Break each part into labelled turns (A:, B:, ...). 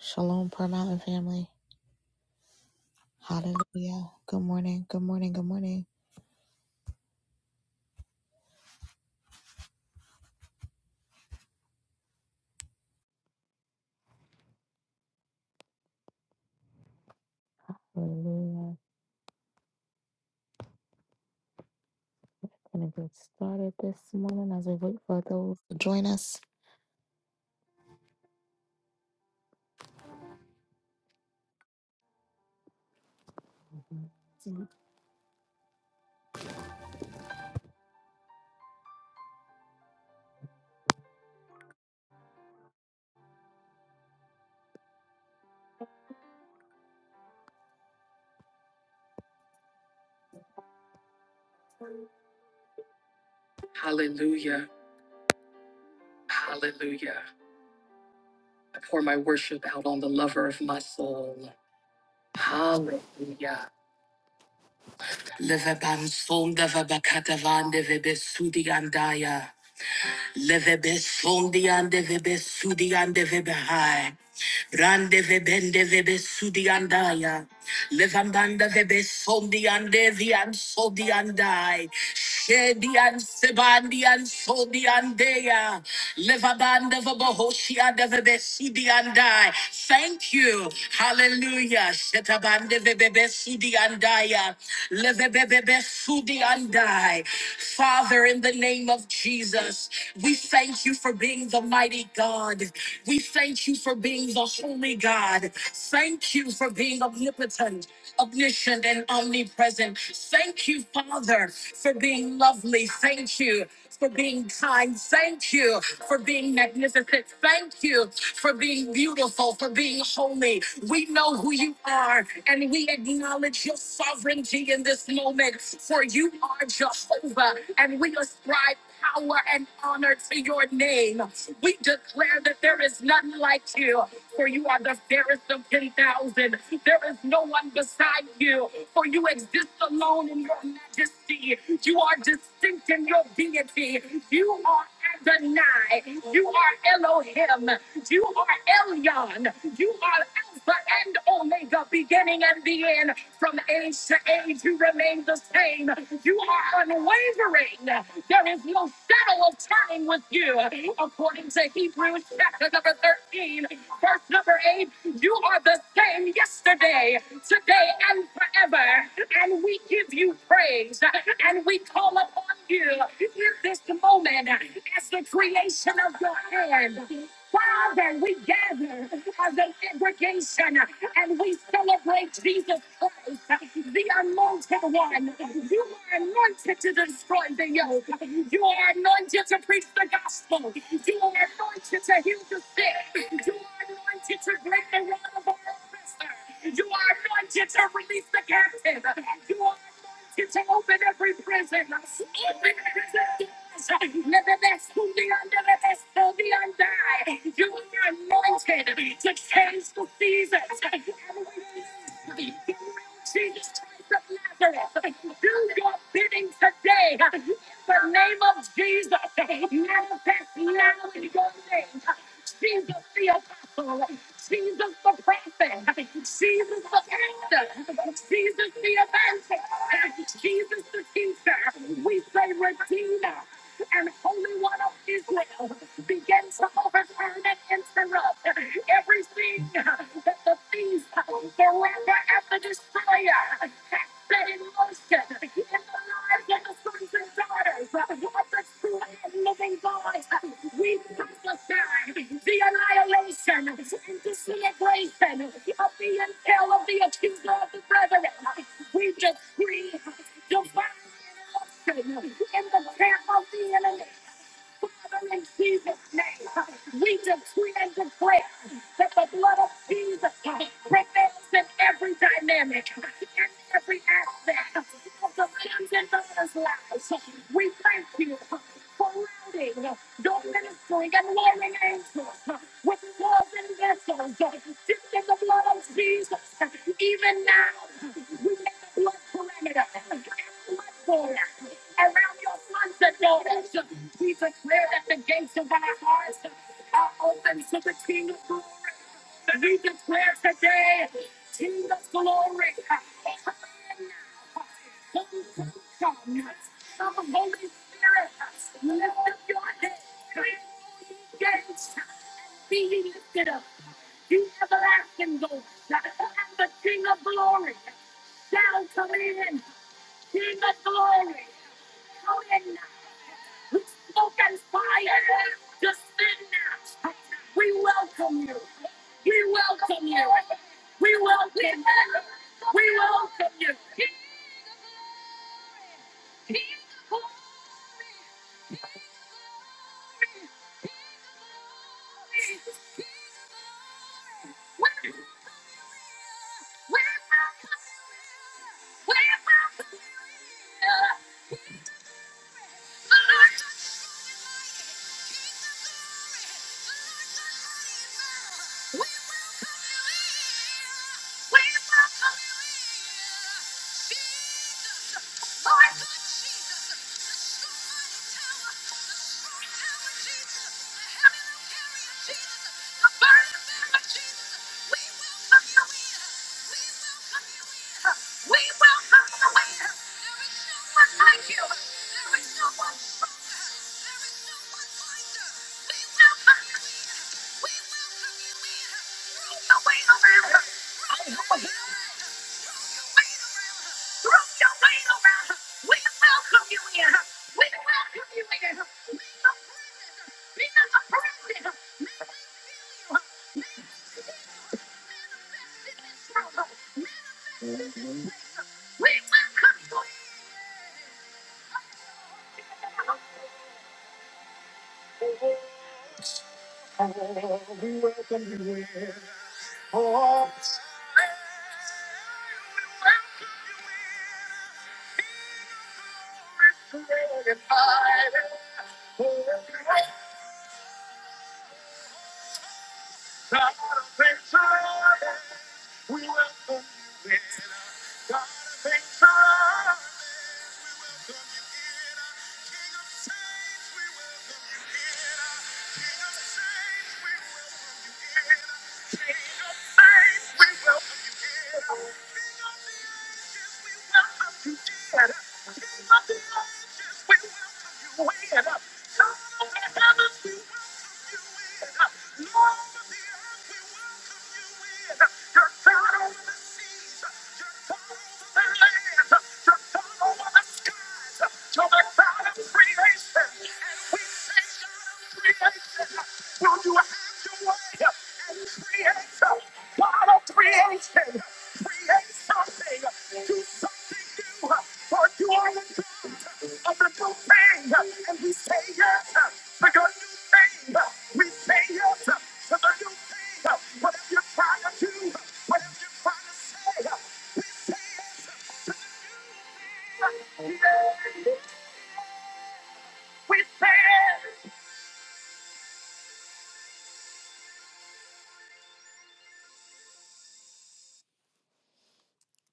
A: Shalom, Prayer Mountain family. Hallelujah. Good morning. Good morning. Good morning. Hallelujah. Gonna get started this morning as we wait for those to join us.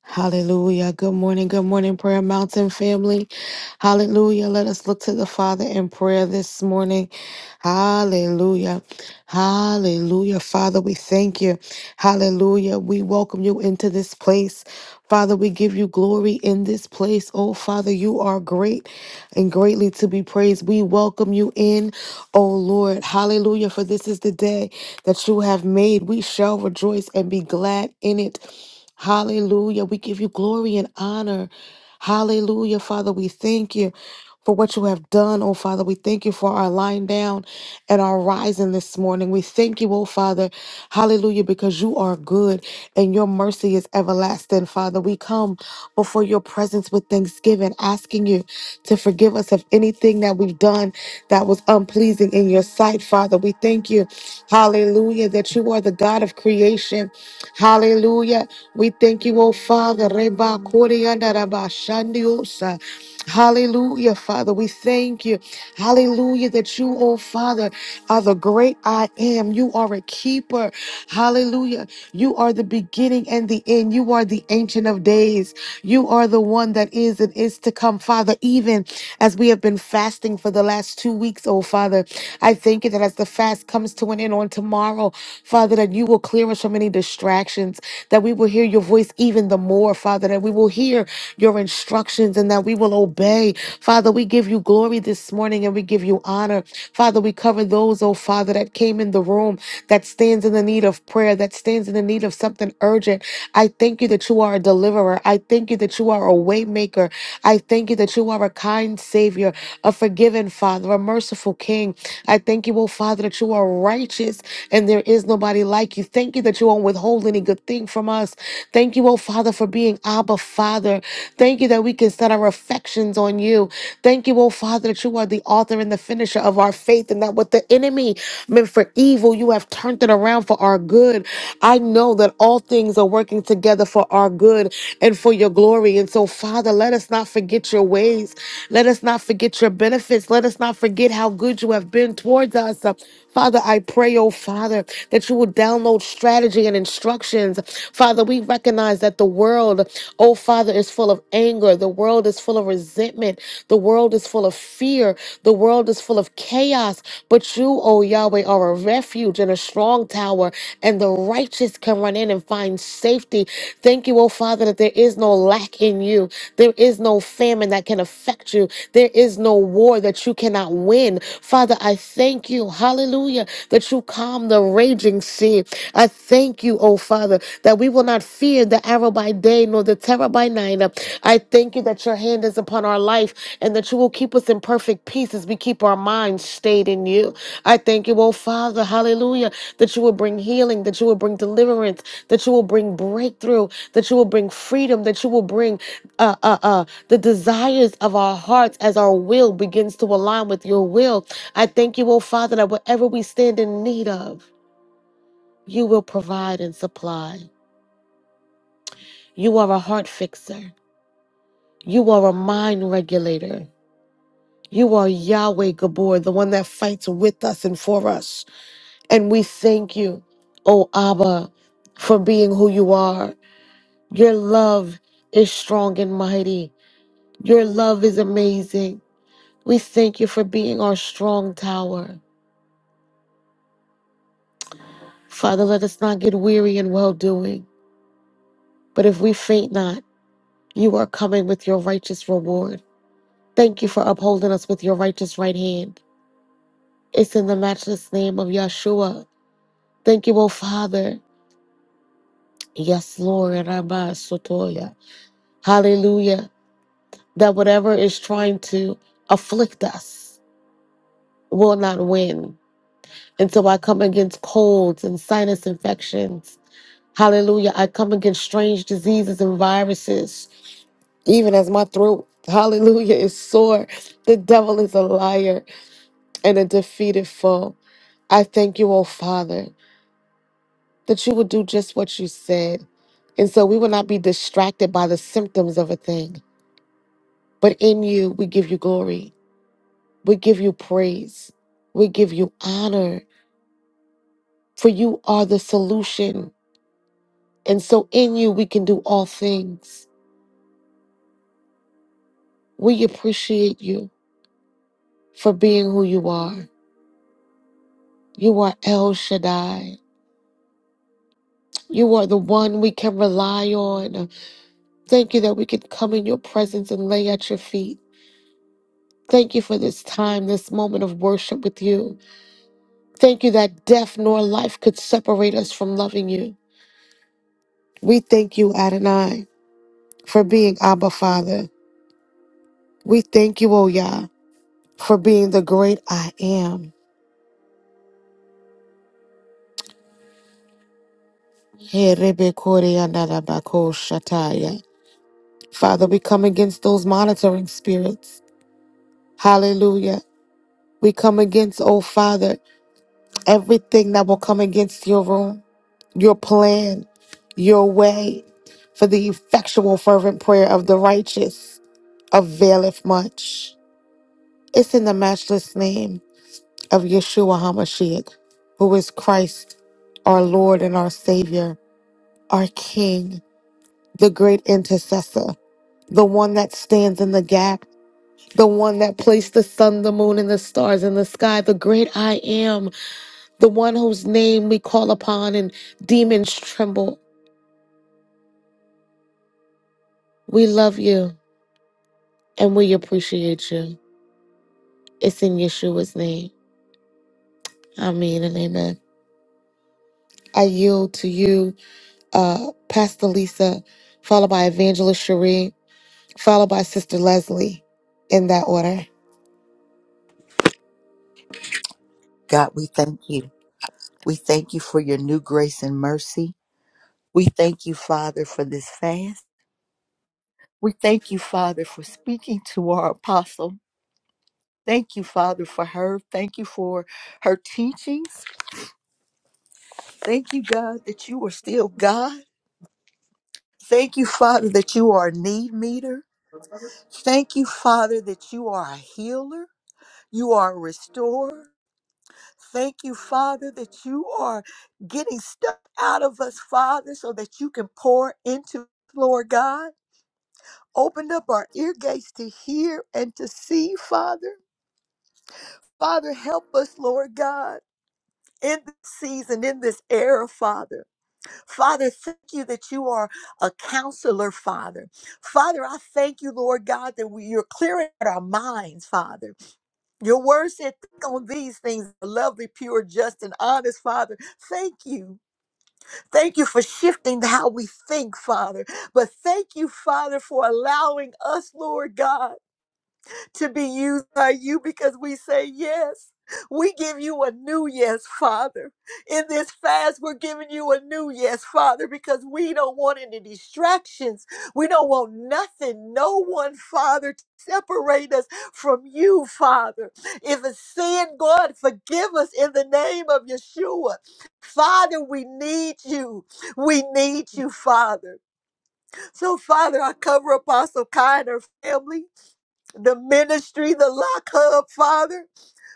A: Hallelujah. Good morning. Good morning, Prayer Mountain family. Hallelujah. Let us look to the Father in prayer this morning. Hallelujah. Hallelujah. Father, we thank you. Hallelujah. We welcome you into this place. Father, we give you glory in this place. Oh, Father, you are great and greatly to be praised. We welcome you in, oh Lord. Hallelujah. For this is the day that you have made. We shall rejoice and be glad in it. Hallelujah. We give you glory and honor. Hallelujah, Father. We thank you for what you have done, oh Father. We thank you for our lying down and our rising this morning. We thank you, oh Father. Hallelujah, because you are good and your mercy is everlasting, Father. We come before your presence with thanksgiving, asking you to forgive us of anything that we've done that was unpleasing in your sight, Father. We thank you, hallelujah, that you are the God of creation. Hallelujah. We thank you, oh Father. Reba Koryana Raba Shandiosa. Hallelujah, Father. We thank you. Hallelujah, that you, oh Father, are the great I am. You are a keeper. Hallelujah. You are the beginning and the end. You are the ancient of days. You are the one that is and is to come, Father. Even as we have been fasting for the last two weeks, oh Father, I thank you that as the fast comes to an end on tomorrow, Father, that you will clear us from any distractions that we will hear your voice even the more, Father, that we will hear your instructions and that we will obey. Father, we give you glory this morning and we give you honor. Father, we cover those, oh Father, that came in the room that stands in the need of prayer, that stands in the need of something urgent. I thank you that you are a deliverer. I thank you that you are a way maker. I thank you that you are a kind savior a forgiving Father, a merciful King. I thank you, oh Father, that you are righteous and there is nobody like you. Thank you that you won't withhold any good thing from us. Thank you, oh Father, for being Abba Father. Thank you that we can set our affections on you. Thank you, oh Father, that you are the author and the finisher of our faith and that what the enemy meant for evil, you have turned it around for our good. I know that all things are working together for our good and for your glory glory. And so, Father, let us not forget your ways. Let us not forget your benefits. Let us not forget how good you have been towards us. Uh, Father, I pray, oh Father, that you would download strategy and instructions. Father, we recognize that the world, oh Father, is full of anger. The world is full of resentment. The world is full of fear. The world is full of chaos. But you, oh Yahweh, are a refuge and a strong tower, and the righteous righteous can run in and find safety. Thank you, oh Father, that there is no lack in you. There is no famine that can affect you. There is no war that you cannot win. Father, I thank you, hallelujah, that you calm the raging sea. I thank you, oh Father, that we will not fear the arrow by day nor the terror by night. I thank you that your hand is upon our life and that you will keep us in perfect peace as we keep our minds stayed in you. I thank you, oh Father, hallelujah, that you will bring healing, that you will bring deliverance, that you will bring breakthrough, that you will bring freedom, that you will bring uh, uh, uh, the desires of our hearts as our will begins to align with your will. I thank you, oh Father, that whatever we stand in need of, you will provide and supply. You are a heart fixer, you are a mind regulator. You are Yahweh Gabor, the one that fights with us and for us. And we thank you, oh Abba, for being who you are. Your love is strong and mighty. Your love is amazing. We thank you for being our strong tower. Father, let us not get weary in well doing, but if we faint not, you are coming with your righteous reward. Thank you for upholding us with your righteous right hand. It's in the matchless name of Yeshua. Thank you, O Father. Yes, Lord. Rabba Sotoya. Hallelujah. That whatever is trying to afflict us will not win And so I come against colds and sinus infections. Hallelujah. I come against strange diseases and viruses, even as my throat, hallelujah, is sore. The devil is a liar and a defeated foe. I thank you, oh Father, that you will do just what you said. And so we will not be distracted by the symptoms of a thing, but in you, we give you glory. We give you praise. We give you honor, for you are the solution. And so in you, we can do all things. We appreciate you for being who you are. You are El Shaddai. You are the one we can rely on. Thank you that we can come in your presence and lay at your feet. Thank you for this time, this moment of worship with you. Thank you that death nor life could separate us from loving you. We thank you, Adonai, for being Abba Father. We thank you, O Yah, for being the great I am. Herebekoriandarabakoshataya. Father, we come against those monitoring spirits. Hallelujah. We come against, oh Father, everything that will come against your room, your plan, your way. For the effectual, fervent prayer of the righteous availeth much. It's in the matchless name of Yeshua HaMashiach, who is Christ, our Lord and our Savior, our King, the great intercessor. the one that stands in the gap, the one that placed the sun, the moon, and the stars in the sky, the great I am, the one whose name we call upon and demons tremble. We love you and we appreciate you. It's in Yeshua's name. Amen and amen. I yield to you, uh, Pastor Lisa, followed by Evangelist Cherie, followed by Sister Leslie, in that order.
B: God, we thank you. We thank you for your new grace and mercy. We thank you, Father, for this fast. We thank you, Father, for speaking to our apostle. Thank you, Father, for her. Thank you for her teachings. Thank you, God, that you are still God. Thank you, Father, that you are a need meter. Thank you, Father, that you are a healer. You are a restorer. Thank you, Father, that you are getting stuff out of us, Father, so that you can pour into, us, Lord God. Open up our ear gates to hear and to see, Father. Father, help us, Lord God, in this season, in this era, Father. Father, thank you that you are a counselor, Father. Father, I thank you, Lord God, that we, you're clearing out our minds, Father. Your word said, think on these things, lovely, pure, just, and honest, Father. Thank you Thank you for shifting how we think, Father. But thank you, Father, for allowing us, Lord God to be used by you because we say yes. We give you a new yes, Father. In this fast, we're giving you a new yes, Father, because we don't want any distractions. We don't want nothing, no one, Father, to separate us from you, Father. If it's sin, God, forgive us in the name of Yeshua. Father, we need you. We need you, Father. So, Father, I cover Apostle Kai and her family the ministry, the lock hub, Father.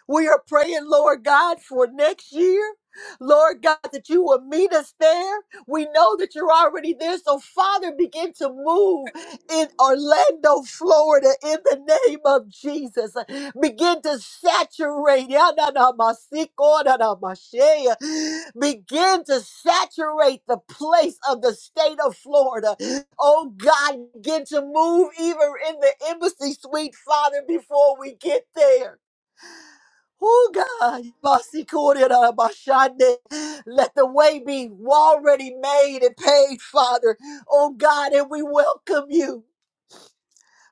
B: We are praying, Lord God, for next year. Lord God, that you will meet us there. We know that you're already there. So, Father, begin to move in Orlando, Florida, in the name of Jesus. Begin to saturate. Begin to saturate the place of the state of Florida. Oh God, begin to move even in the embassy suite, Father, before we get there. Oh God, Basikoriarabashande. let the way be already made and paid, Father. Oh God, and we welcome you.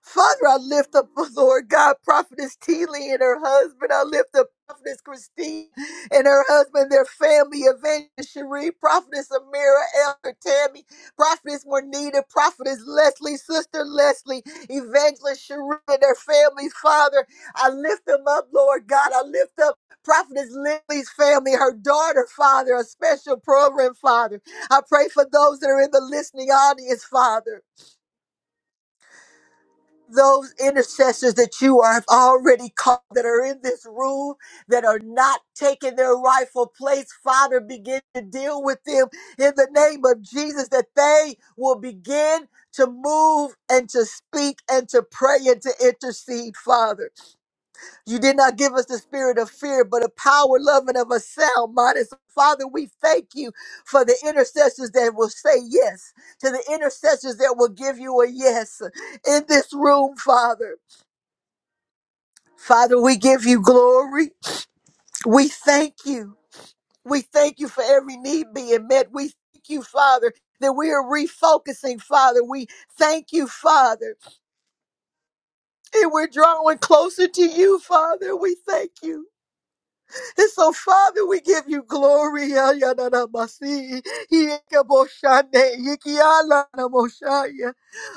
B: Father, I lift up, oh Lord God, Prophetess Teeley and her husband. I lift up Prophetess Christine and her husband, their family, Evangelist Cherie, Prophetess Amira, Elder Tammy, Prophetess Juanita, Prophetess Leslie, Sister Leslie, Evangelist Cherie and their family. Father, I lift them up, Lord God. I lift up Prophetess Lily's family, her daughter, Father, a special program, Father. I pray for those that are in the listening audience, Father those intercessors that you are, have already called that are in this room that are not taking their rightful place. Father, begin to deal with them in the name of Jesus that they will begin to move and to speak and to pray and to intercede, Father. You did not give us the spirit of fear, but of power, love, and of a sound mind. And so, Father, we thank you for the intercessors that will say yes, to the intercessors that will give you a yes in this room, Father. Father, we give you glory. We thank you. We thank you for every need being met. We thank you, Father, that we are refocusing, Father. We thank you, Father, and we're drawing closer to you, Father. We thank you. And so, Father, we give you glory. Ah, ya, na, na, ma, si. Yeke, bo, shande, yeke, ah, la, na, mo, shaya.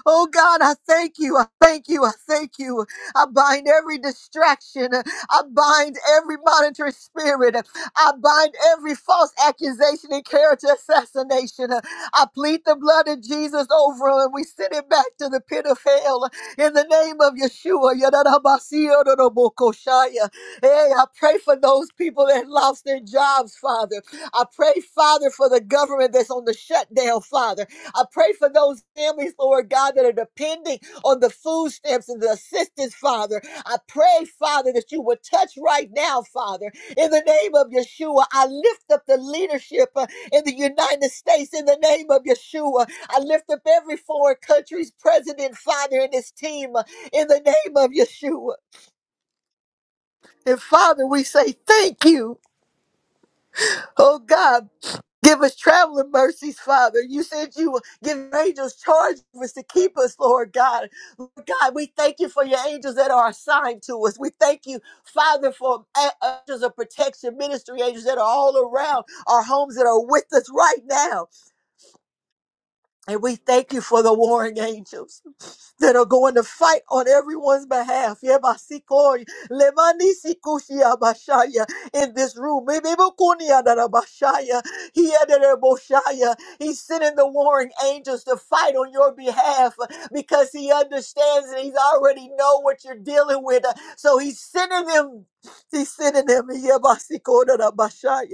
B: Oh God, I thank you. I thank you. I thank you. I bind every distraction. I bind every monitoring spirit. I bind every false accusation and character assassination. I plead the blood of Jesus over them. and We send it back to the pit of hell in the name of Yeshua. Hey, I pray for those people that lost their jobs, Father. I pray, Father, for the government that's on the shutdown, Father. I pray for those families, Lord God, that are depending on the food stamps and the assistance, Father. I pray, Father, that you would touch right now, Father. In the name of Yeshua, I lift up the leadership uh, in the United States in the name of Yeshua. I lift up every foreign country's president, Father, and his team uh, in the name of Yeshua. And Father, we say thank you. Oh God, give us traveling mercies, Father. You said you will give your angels charge of us to keep us, Lord God. Lord God, we thank you for your angels that are assigned to us. We thank you, Father, for a- angels of protection, ministry angels that are all around our homes that are with us right now. And we thank you for the warring angels. that are going to fight on everyone's behalf. Yebasikoi, lemanisikushiabashaya, In this room. Mebebukuniadarabashaya, hiedereboshaya. He's sending the warring angels to fight on your behalf because he understands and he's already know what you're dealing with. So he's sending them. He's sending them. yebasikoi, darabashaya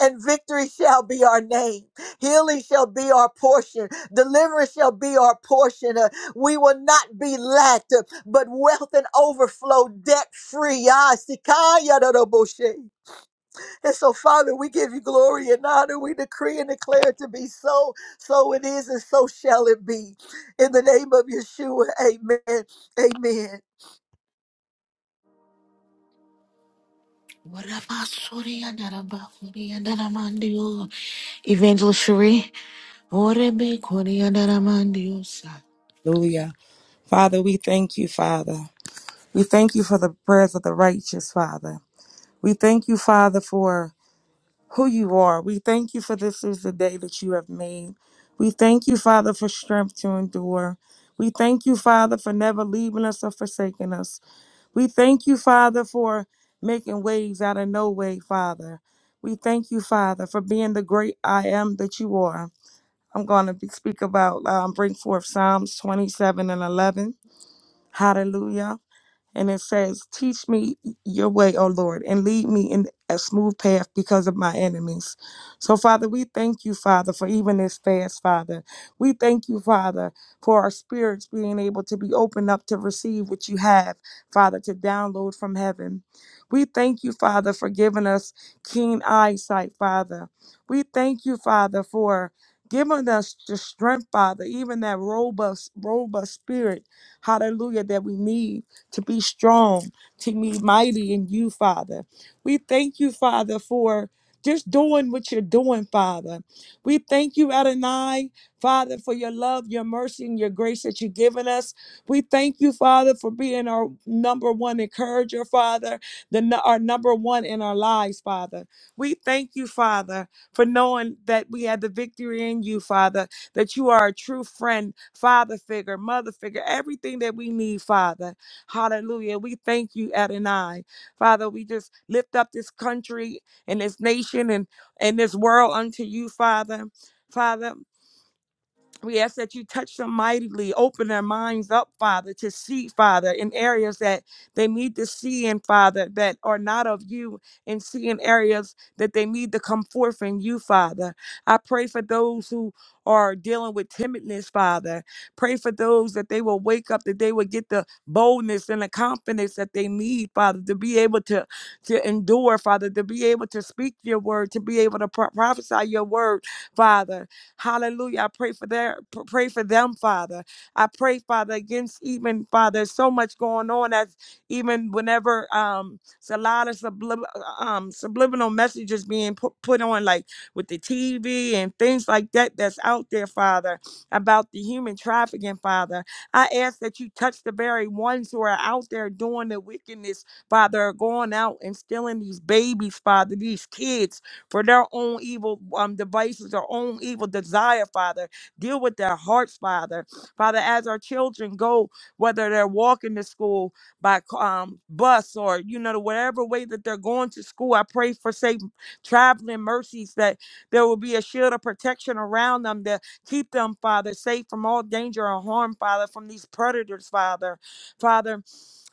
B: and victory shall be our name. Healing shall be our portion. Deliverance shall be our portion. Uh, we will not be lacked, uh, but wealth and overflow, debt free. Ah, sikaya da da boshe. And so, Father, we give you glory and honor. We decree and declare it to be so. So it is, and so shall it be. In the name of Yeshua, amen. Amen.
A: Evangelist Cherie. Orebe koreadaramandiosai.
C: Hallelujah. Father, we thank you, Father. We thank you for the prayers of the righteous, Father. We thank you, Father, for who you are. We thank you for this is the day that you have made. We thank you, Father, for strength to endure. We thank you, Father, for never leaving us or forsaking us. We thank you, Father, for making ways out of no way, Father. We thank you, Father, for being the great I am that you are. I'm going to speak about, um, bring forth Psalms 27 and 11. Hallelujah. And it says, Teach me your way, O Lord, and lead me in a smooth path because of my enemies. So, Father, we thank you, Father, for even this fast, Father. We thank you, Father, for our spirits being able to be opened up to receive what you have, Father, to download from heaven. We thank you, Father, for giving us keen eyesight, Father. We thank you, Father, for giving us the strength, Father, even that robust, robust spirit, hallelujah, that we need to be strong, to be mighty in you, Father. We thank you, Father, for just doing what you're doing, Father. We thank you, Adonai, Father, for your love, your mercy, and your grace that you've given us. We thank you, Father, for being our number one encourager, Father, the, nu- our number one in our lives, Father. We thank you, Father, for knowing that we had the victory in you, Father, that you are a true friend, father figure, mother figure, everything that we need, Father. Hallelujah. We thank you, Adonai. Father, we just lift up this country and this nation and, and this world unto you, Father. Father. We ask that you touch them mightily, open their minds up, Father, to see, Father, in areas that they need to see in, Father, that are not of you, and see in areas that they need to come forth in you, Father. I pray for those who are dealing with timidness, Father. Pray for those that they will wake up, that they will get the boldness and the confidence that they need, Father, to be able to, to endure, Father, to be able to speak your word, to be able to pro- prophesy your word, Father. Hallelujah. I pray for their pray for them, Father. I pray, Father, against even Father, there's so much going on as even whenever um it's a lot of sublib- uh, um subliminal messages being put put on like with the TV and things like that that's out there, Father, about the human trafficking, Father. I ask that you touch the very ones who are out there doing the wickedness, Father, are going out and stealing these babies, Father, these kids for their own evil um, devices, their own evil desire, Father. Deal with their hearts, Father. Father, as our children go, whether they're walking to school by c- um, bus or, you know, whatever way that they're going to school, I pray for safe traveling mercies that there will be a shield of protection around them to keep them, Father, safe from all danger or harm, Father, from these predators, Father. Father,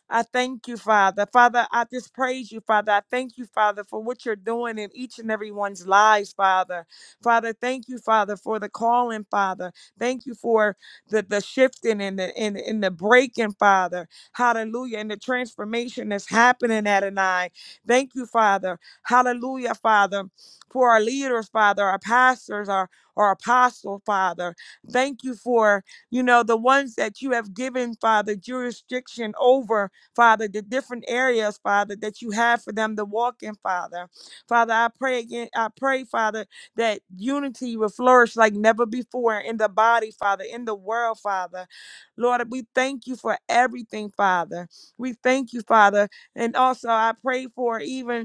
C: I thank you, Father. Father, I just praise you, Father. I thank you, Father, for what you're doing in each and everyone's lives, Father. Father, thank you, Father, for the calling, Father. Thank you for the, the shifting and the and, and the breaking, Father. Hallelujah. And the transformation that's happening at an eye. Thank you, Father. Hallelujah, Father, for our leaders, Father, our pastors, our our apostle, Father. Thank you for, you know, the ones that you have given, Father, jurisdiction over Father, the different areas, Father, that you have for them to walk in, Father. Father, I pray again, I pray, Father, that unity will flourish like never before in the body, Father, in the world, Father. Lord, we thank you for everything, Father. We thank you, Father. And also, I pray for even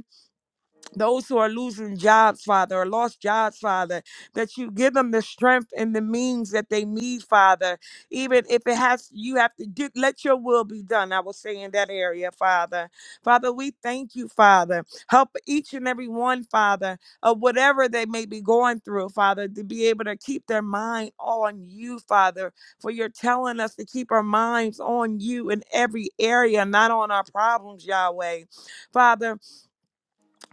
C: those who are losing jobs, Father, or lost jobs, Father, that you give them the strength and the means that they need, Father. Even if it has, you have to do, let your will be done. I will say in that area, Father. Father, we thank you, Father. Help each and every one, Father, of whatever they may be going through, Father, to be able to keep their mind on you, Father. For you're telling us to keep our minds on you in every area, not on our problems, Yahweh. Father,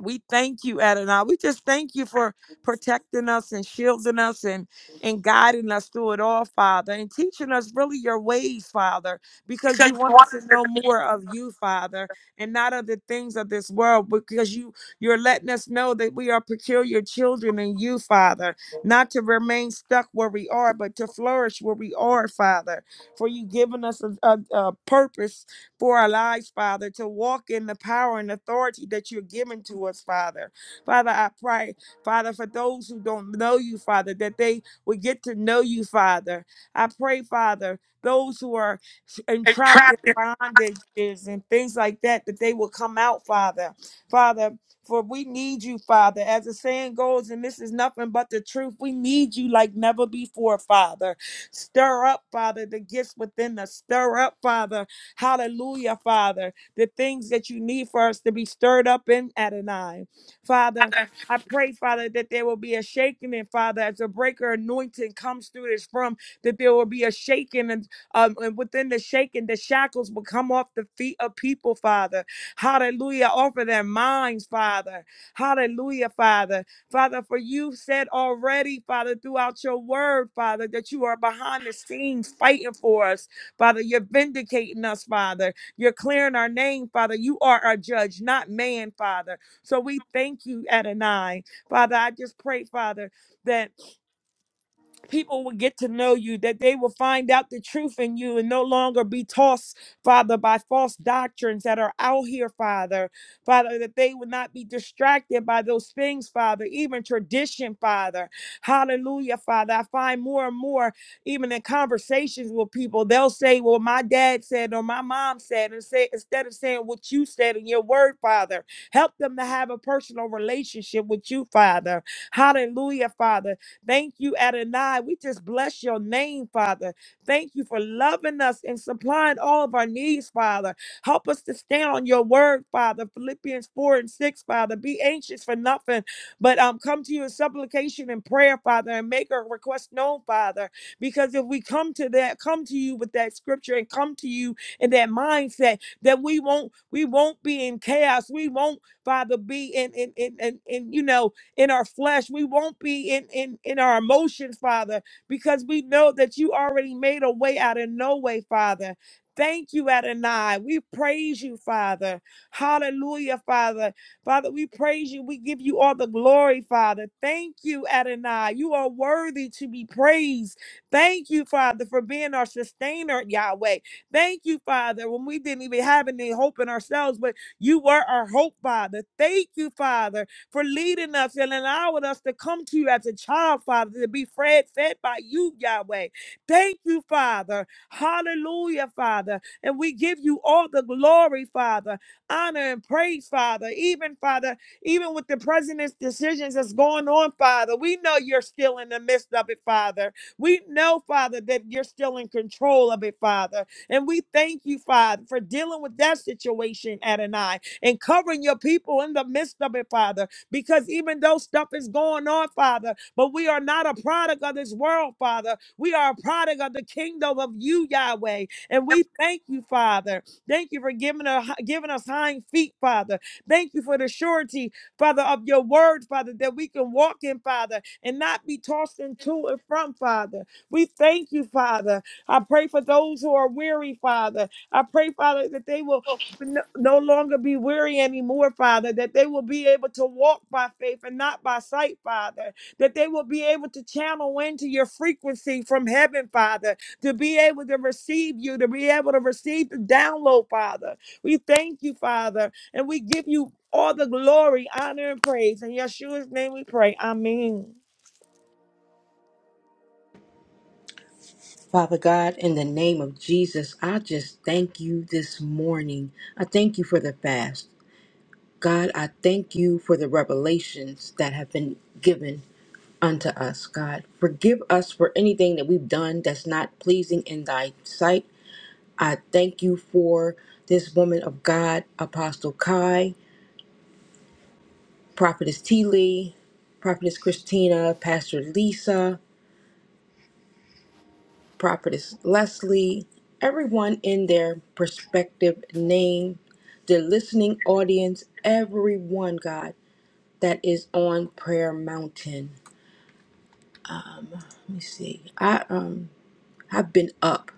C: we thank you, Adonai. We just thank you for protecting us and shielding us and, and guiding us through it all, Father, and teaching us really your ways, Father, because you want us to know more of you, Father, and not of the things of this world, because you you're letting us know that we are peculiar children in you, Father, not to remain stuck where we are, but to flourish where we are, Father. For you giving us a, a, a purpose for our lives, Father, to walk in the power and authority that you're giving to us, Father. Father, I pray, Father, for those who don't know you, Father, that they will get to know you, Father. I pray, Father, those who are entrapped in bondages and things like that, that they will come out, Father. Father, for we need you, Father. As the saying goes, and this is nothing but the truth, we need you like never before, Father. Stir up, Father, the gifts within us. Stir up, Father Hallelujah, Father. The things that you need for us to be stirred up in Adonai. Father, I pray, Father, that there will be a shaking, and Father, as a breaker anointing comes through this from, that there will be a shaking, and, um, and within the shaking, the shackles will come off the feet of people, Father. Hallelujah, off of their minds, Father. Hallelujah, Father. Father, for you said already, Father, throughout your word, Father, that you are behind the scenes fighting for us. Father, you're vindicating us, Father. You're clearing our name, Father. You are our judge, not man, Father. So we thank you, Adonai. Father, I just pray, Father, that people will get to know you, that they will find out the truth in you and no longer be tossed, Father, by false doctrines that are out here, Father. Father, that they will not be distracted by those things, Father, even tradition, Father. Hallelujah, Father. I find more and more, even in conversations with people, they'll say, Well, my dad said, or my mom said, and say instead of saying what you said in your word, Father, help them to have a personal relationship with you, Father. Hallelujah, Father Thank you, Adonai. We just bless your name, Father. Thank you for loving us and supplying all of our needs, Father. Help us to stand on your word, Father. Philippians 4 and 6, Father. Be anxious for nothing, but um, come to you in supplication and prayer, Father, and make our request known, Father. Because if we come to that, come to you with that scripture and come to you in that mindset that we won't, we won't be in chaos. We won't, Father, be in in in in, in you know in our flesh. We won't be in, in, in our emotions, Father, because we know that you already made a way out of no way, Father. Thank you, Adonai. We praise you, Father. Hallelujah, Father. Father, we praise you. We give you all the glory, Father. Thank you, Adonai. You are worthy to be praised. Thank you, Father, for being our sustainer, Yahweh. Thank you, Father, when we didn't even have any hope in ourselves, but you were our hope, Father. Thank you, Father for leading us and allowing us to come to you as a child, Father, to be fed, fed by you, Yahweh. Thank you, Father. Hallelujah, Father. And we give you all the glory, Father, honor and praise, Father. Even, Father, even with the president's decisions that's going on, Father, we know you're still in the midst of it, Father. We know, Father, that you're still in control of it, Father. And we thank you, Father, for dealing with that situation, Adonai, and covering your people in the midst of it, Father because even though stuff is going on, Father, but we are not a product of this world, Father. We are a product of the kingdom of you, Yahweh. And we thank you, Father. Thank you for giving us, giving us hind feet, Father. Thank you for the surety, Father, of your word, Father, that we can walk in, Father, and not be tossed into and from, Father. We thank you, Father. I pray for those who are weary, Father. I pray, Father, that they will no, no longer be weary anymore, Father, that they will be able to walk by faith and not by sight, Father, that they will be able to channel into your frequency from heaven, Father, to be able to receive you, to be able to receive the download, Father. We thank you, Father, and we give you all the glory, honor, and praise. In Yeshua's name we pray. Amen.
D: Father God, in the name of Jesus, I just thank you this morning. I thank you for the fast. God, I thank you for the revelations that have been given unto us, God. Forgive us for anything that we've done that's not pleasing in thy sight. I thank you for this woman of God, Apostle Kai, Prophetess T. Lee, Prophetess Christina, Pastor Lisa. Prophetess Leslie, everyone in their prospective name, the listening audience, everyone, God, that is on Prayer Mountain. Let me see. I um I've been up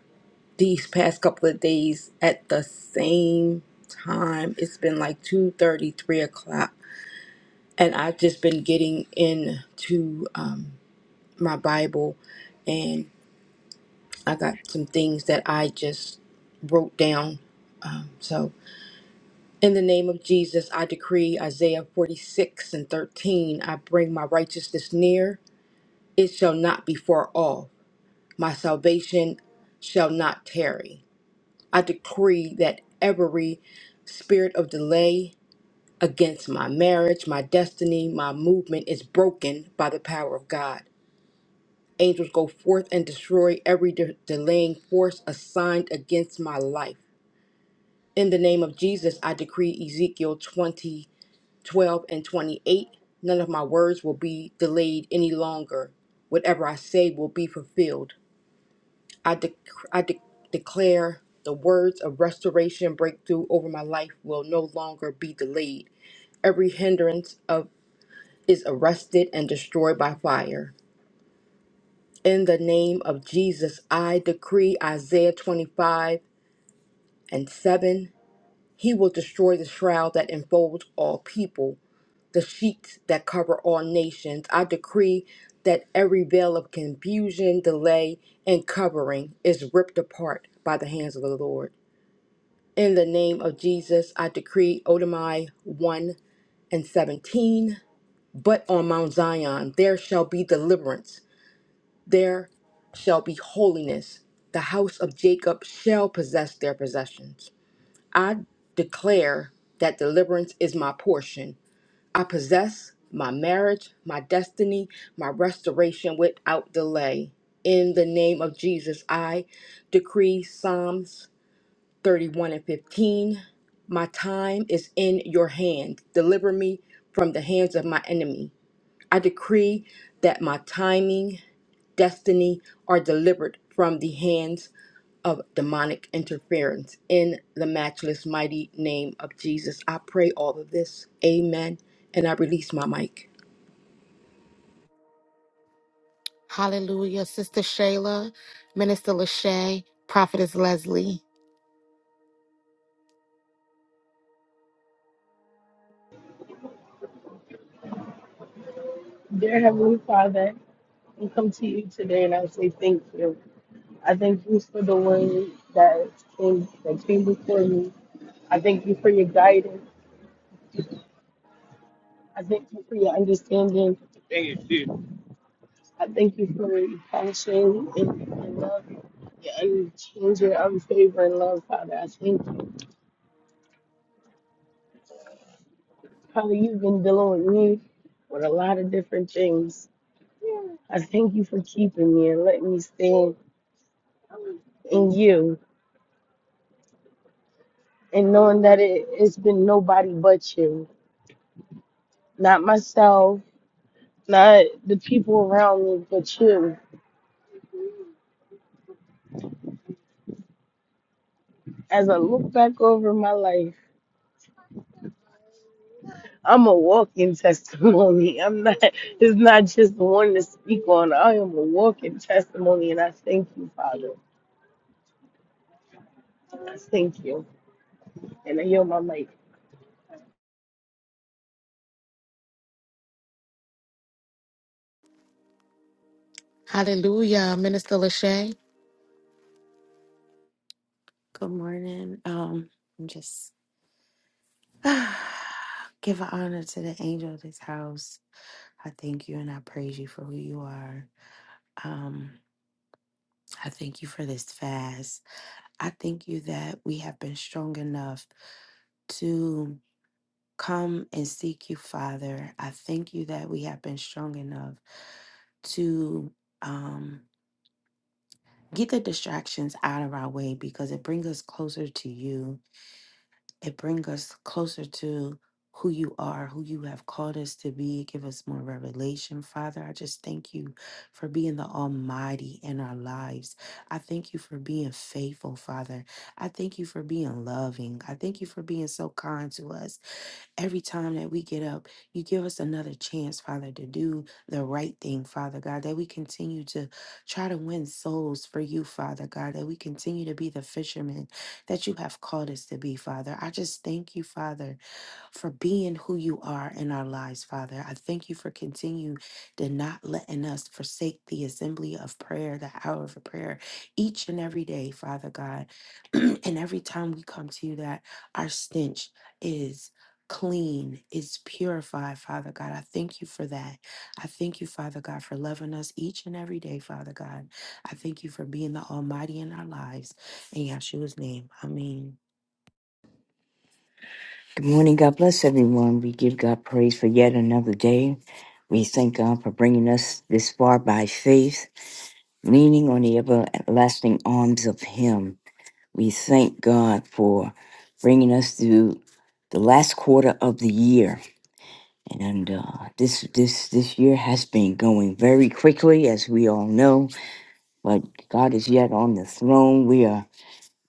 D: these past couple of days at the same time. It's been like two thirty, three o'clock. And I've just been getting into um my Bible and I got some things that I just wrote down. Um, so In the name of Jesus, I decree Isaiah 46 and 13 I bring my righteousness near, it shall not be far off. My salvation shall not tarry. I decree that every spirit of delay against my marriage, my destiny, my movement is broken by the power of God. Angels go forth and destroy every de- delaying force assigned against my life. In the name of Jesus, I decree Ezekiel twenty. 12 and 28 none of my words will be delayed any longer whatever i say will be fulfilled i, de- I de- declare the words of restoration and breakthrough over my life will no longer be delayed every hindrance of is arrested and destroyed by fire in the name of jesus i decree isaiah 25 and 7 he will destroy the shroud that enfolds all people the sheets that cover all nations. I decree that every veil of confusion, delay, and covering is ripped apart by the hands of the Lord. In the name of Jesus, I decree Odomai 1 and 17. But on Mount Zion there shall be deliverance, there shall be holiness. The house of Jacob shall possess their possessions. I declare that deliverance is my portion I possess my marriage, my destiny, my restoration without delay. In the name of Jesus, I decree Psalms 31 and 15. My time is in your hand. Deliver me from the hands of my enemy. I decree that my timing, destiny are delivered from the hands of demonic interference in the matchless mighty name of Jesus. I pray all of this. Amen. And I release my mic.
A: Hallelujah. Sister Shayla, Minister Lachey, Prophetess Leslie.
E: Dear Heavenly Father, we come to you today and I say thank you. I thank you for the word that came, that came before me. I thank you for your guidance. I thank you for your understanding. I thank you for your passion and your love, your unchanging, unfavoring love, Father. I thank you. Father, you've been dealing with me with a lot of different things. I thank you for keeping me and letting me stand in you. and knowing that it, it's been nobody but you, not myself, not the people around me, but you. As I look back over my life, I'm a walking testimony. I'm not, it's not just one to speak on. I am a walking testimony, and I thank you, Father. I thank you. And I yield my mic.
A: Hallelujah, Minister Lachey.
F: Good morning. Um, I'm just give honor to the angel of this house. I thank you and I praise you for who you are. Um, I thank you for this fast. I thank you that we have been strong enough to come and seek you, Father. I thank you that we have been strong enough to um get the distractions out of our way because it brings us closer to you. it bring us closer to who you are, who you have called us to be. Give us more revelation, Father. I just thank you for being the Almighty in our lives. I thank you for being faithful, Father. I thank you for being loving. I thank you for being so kind to us every time that we get up, you give us another chance, Father, to do the right thing, Father God, that we continue to try to win souls for you, Father God, that we continue to be the fishermen that you have called us to be, Father. I just thank you, Father, for being who you are in our lives, Father. I thank you for continuing to not letting us forsake the assembly of prayer, the hour of prayer, each and every day, Father God. and every time we come to you, that our stench is clean, is purified, Father God. I thank you for that. I thank you, Father God, for loving us each and every day, Father God. I thank you for being the Almighty in our lives. In Yahshua's name, Amen.
G: Good morning. God bless everyone. We give God praise for yet another day. We thank God for bringing us this far by faith, leaning on the everlasting arms of Him. We thank God for bringing us through the last quarter of the year, and uh, this this this year has been going very quickly, as we all know. But God is yet on the throne. We are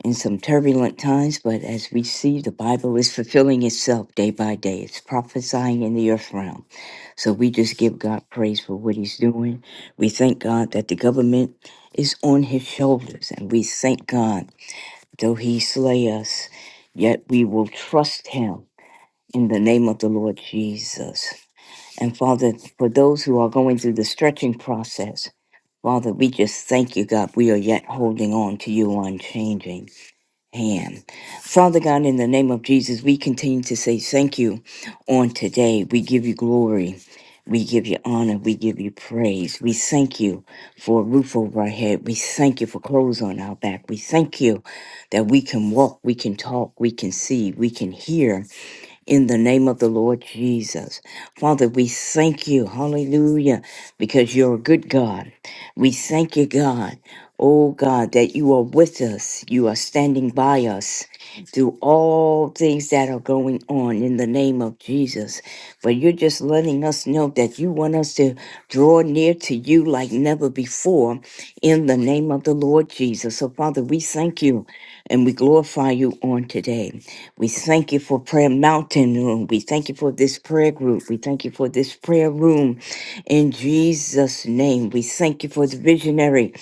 G: in some turbulent times, but as we see, the Bible is fulfilling itself day by day. It's prophesying in the earth realm. So we just give God praise for what He's doing. We thank God that the government is on His shoulders, and we thank God, though He slay us, yet we will trust Him in the name of the Lord Jesus. And Father, for those who are going through the stretching process, Father, we just thank you, God. We are yet holding on to you unchanging hand. Father God, in the name of Jesus, we continue to say thank you on today. We give you glory. We give you honor. We give you praise. We thank you for a roof over our head. We thank you for clothes on our back. We thank you that we can walk, we can talk, we can see, we can hear in the name of the Lord Jesus. Father, we thank you. Hallelujah. Because you're a good God. We thank you, God. Oh God, that you are with us. You are standing by us through all things that are going on in the name of Jesus. But you're just letting us know that you want us to draw near to you like never before in the name of the Lord Jesus. So, Father, we thank you and we glorify you on today. We thank you for prayer mountain room. We thank you for this prayer group. We thank you for this prayer room in Jesus' name. We thank you for the visionary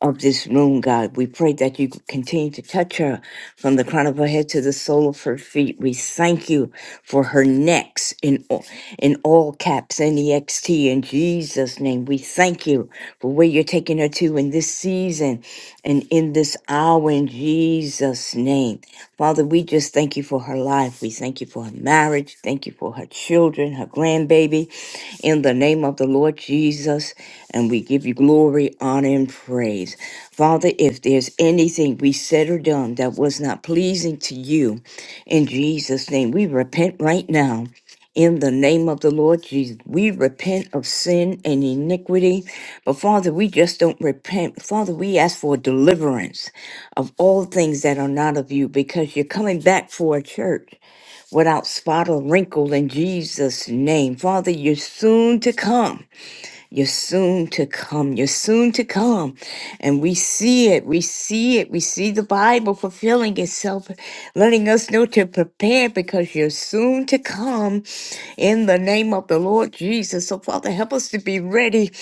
G: of this room, God. We pray that you continue to touch her from the crown of her head to the sole of her feet. We thank you for her necks in all, in all caps, N-E-X-T, in Jesus' name. We thank you for where you're taking her to in this season and in this hour in Jesus' name. Father, we just thank you for her life. We thank you for her marriage. Thank you for her children, her grandbaby in the name of the Lord Jesus. And we give you glory, honor, and praise. Father, if there's anything we said or done that was not pleasing to you, in Jesus' name, we repent right now. In the name of the Lord Jesus, we repent of sin and iniquity. But Father, we just don't repent. Father, we ask for deliverance of all things that are not of you because you're coming back for a church without spot or wrinkle in Jesus' name. Father, you're soon to come. You're soon to come. You're soon to come. And we see it. We see it. We see the Bible fulfilling itself, letting us know to prepare because you're soon to come in the name of the Lord Jesus. So, Father, help us to be ready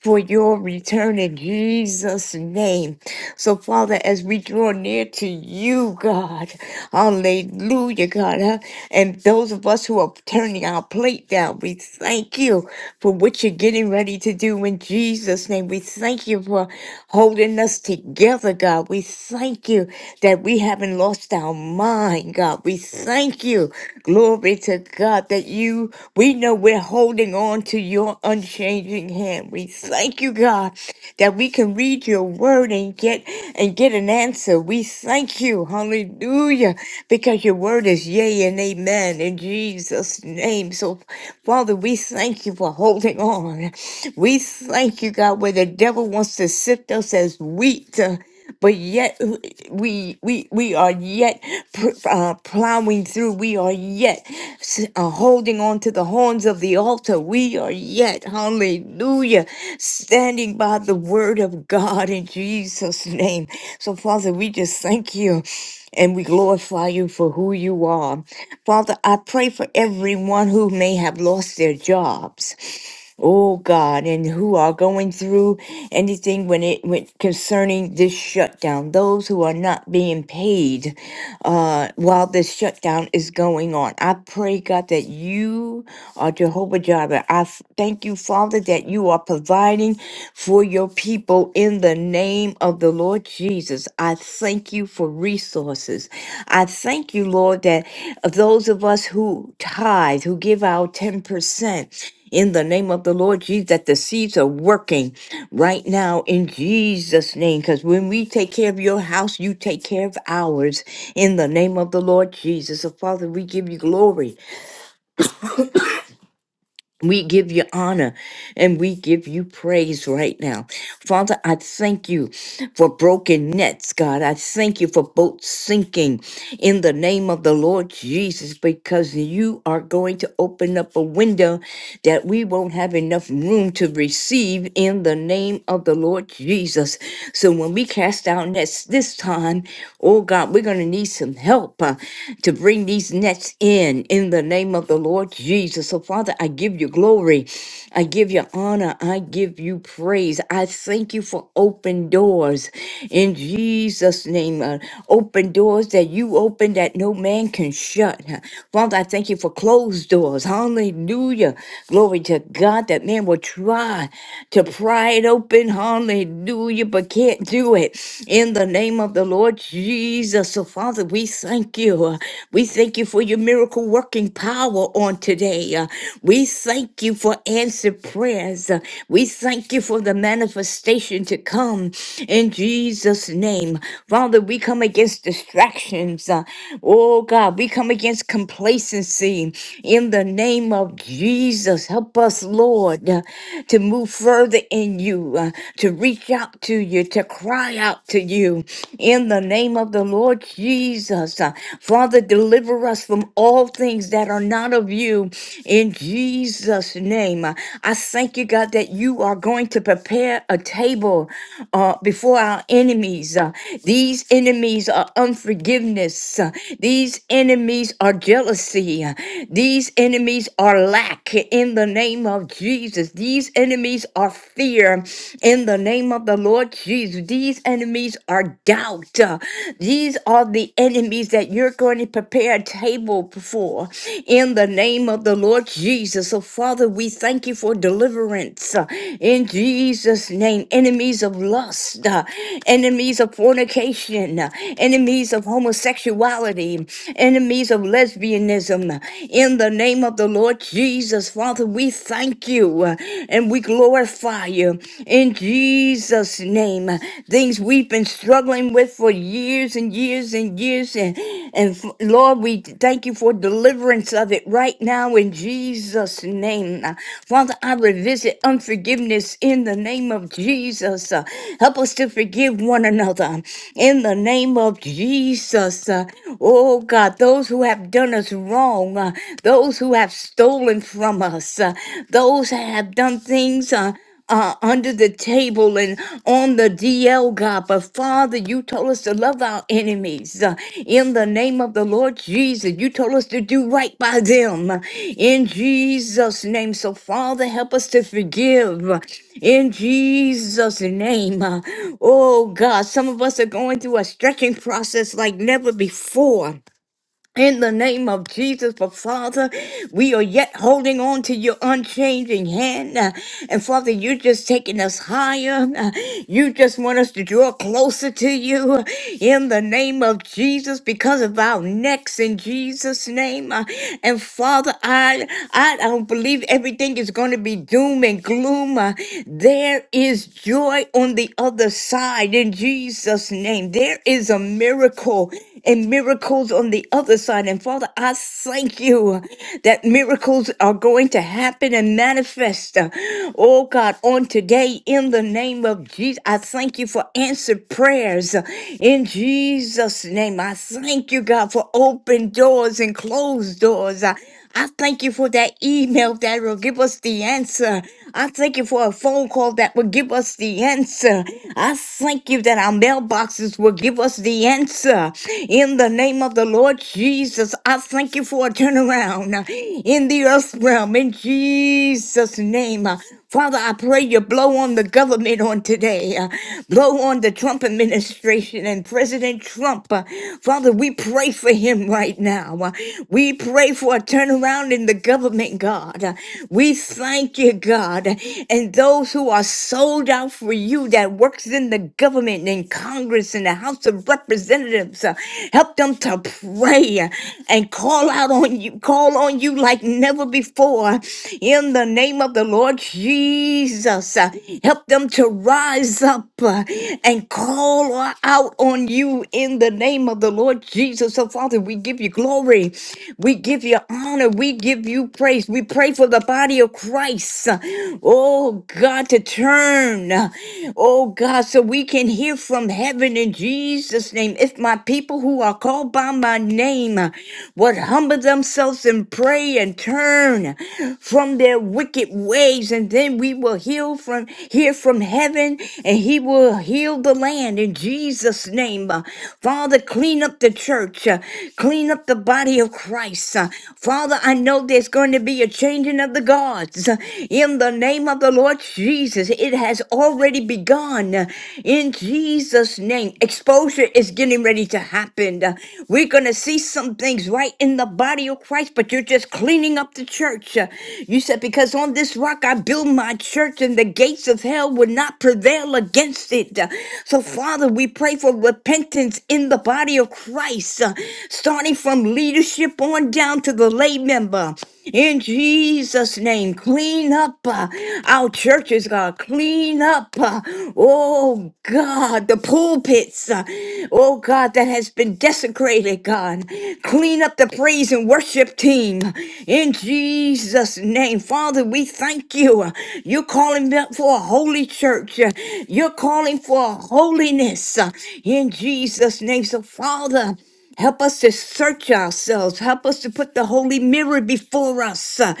G: for your return in Jesus' name. So, Father, as we draw near to you, God, hallelujah, God, huh? and those of us who are turning our plate down, we thank you for what you're getting ready to do in Jesus' name. We thank you for holding us together, God. We thank you that we haven't lost our mind, God. We thank you Glory to God that you, we know we're holding on to your unchanging hand. We thank you, God, that we can read your word and get and get an answer. We thank you, hallelujah, because your word is yea and amen in Jesus' name. So, Father, we thank you for holding on. We thank you, God, where the devil wants to sift us as wheat but yet w- we we we are yet pr- uh, plowing through we are yet s- uh, holding on to the horns of the altar we are yet hallelujah standing by the word of god in jesus name so father we just thank you and we glorify you for who you are father i pray for everyone who may have lost their jobs oh God, and who are going through anything when it when concerning this shutdown, those who are not being paid uh, while this shutdown is going on. I pray, God, that you are Jehovah Jireh. I f- thank you, Father, that you are providing for your people in the name of the Lord Jesus. I thank you for resources. I thank you, Lord, that those of us who tithe, who give our 10%, in the name of the Lord Jesus that the seeds are working right now in Jesus' name. Because when we take care of your house, you take care of ours in the name of the Lord Jesus. So, Father, we give you glory. We give you honor and we give you praise right now. Father, I thank you for broken nets, God. I thank you for boats sinking in the name of the Lord Jesus because you are going to open up a window that we won't have enough room to receive in the name of the Lord Jesus. So when we cast our nets this time, oh God, we're going to need some help. uh, to bring these nets in in the name of the Lord Jesus. So, Father, I give you glory. I give you honor. I give you praise. I thank you for open doors in Jesus' name. uh, open doors that you open that no man can shut. Father, I thank you for closed doors. Hallelujah. Glory to God that man will try to pry it open. Hallelujah, but can't do it. In the name of the Lord Jesus, so Father, we thank you. We thank you for your miracle working power on today. Uh, We thank you for answered prayers. Uh, We thank you for the manifestation to come in Jesus' name. Father, we come against distractions. Uh, Oh God, we come against complacency in the name of Jesus. Help us, Lord, uh, to move further in you, uh, to reach out to you, to cry out to you in the name of the Lord Jesus. Uh, Father, deliver us from all things that are not of you in Jesus' name. Uh, I thank you, God, that you are going to prepare a table uh, before our enemies. Uh, these enemies are unforgiveness, Uh, these enemies are jealousy, Uh, these enemies are lack in the name of Jesus. These enemies are fear in the name of the Lord Jesus. These enemies are doubt. Uh, These are the enemies that you're going to prepare a table for in the name of the Lord Jesus. So, Father, we thank you for deliverance uh, in Jesus' name. Enemies of lust, uh, enemies of fornication, uh, enemies of homosexuality, enemies of lesbianism, uh, in the name of the Lord Jesus. Father, we we thank you uh, and we glorify you in Jesus' name. Things we've been struggling with for years and years and years. And, and Lord, we thank you for deliverance of it right now in Jesus' name. Uh, Father, I revisit unforgiveness in the name of Jesus. Uh, Help us to forgive one another in the name of Jesus. Uh, Oh God, those who have done us wrong. uh, those who have stolen from us, uh, those that have done things. Uh, uh, under the table and on the DL, God. But Father, you told us to love our enemies uh, in the name of the Lord Jesus. You told us to do right by them uh, in Jesus' name. So, Father, help us to forgive uh, in Jesus' name. Uh, Oh, God, some of us are going through a stretching process like never before. In the name of Jesus, for Father, we are yet holding on to your unchanging hand. uh, And Father, you're just taking us higher. uh, You just want us to draw closer to you uh, in the name of Jesus because of our necks in Jesus' name. uh, And Father, I, I don't believe everything is going to be doom and gloom. uh, There is joy on the other side in Jesus' name. There is a miracle and miracles on the other side. And Father, I thank you that miracles are going to happen and manifest. uh, Oh God, on today, in the name of Jesus, I thank you for answered prayers. uh, In Jesus' name, I thank you, God, for open doors and closed doors. Uh, I thank you for that email that will give us the answer. I thank you for a phone call that will give us the answer. I thank you that our mailboxes will give us the answer. In the name of the Lord Jesus, I thank you for a turnaround in the earth realm. In Jesus' name, Father, I pray you blow on the government on today, uh, blow on the Trump administration and President Trump. uh, Father, we pray for him right now. uh, we pray for a turnaround in the government, God. Uh, we thank you, God, and those who are sold out for you that works in the government and Congress and the House of Representatives. uh, help them to pray uh, and call out on you, call on you like never before in the name of the Lord Jesus. Uh, Help them to rise up uh, and call out on you in the name of the Lord Jesus. So, Father, we give you glory. We give you honor. We give you praise. We pray for the body of Christ. uh, Oh, God, to turn. uh, Oh, God, so we can hear from heaven in Jesus' name. If my people who are called by my name uh, would humble themselves and pray and turn turn from their wicked ways, and then we will heal from hear from heaven, and He will heal the land in Jesus' name. Uh, Father, clean up the church, uh, clean up the body of Christ. Uh, Father, I know there's going to be a changing of the guards uh, in the name of the Lord Jesus. It has already begun uh, in Jesus' name. Exposure is getting ready to happen. Uh, We're going to see some things right in the body of Christ, but you're just cleaning up the church. Uh, You said, Because on this rock I build my church, and the gates of hell will not prevail against it. Uh, So, Father, we pray for repentance in the body of Christ, uh, starting from leadership on down to the lay member. In Jesus' name, clean up uh, our churches, God. Clean up, uh, oh God, the pulpits, uh, oh God, that has been desecrated, God. Clean up the praise and worship team. In Jesus' name, Father, we thank you. Uh, You're calling up for a holy church. Uh, You're calling for holiness. uh, In Jesus' name, so Father. Help us to search ourselves. Help us to put the holy mirror before us uh,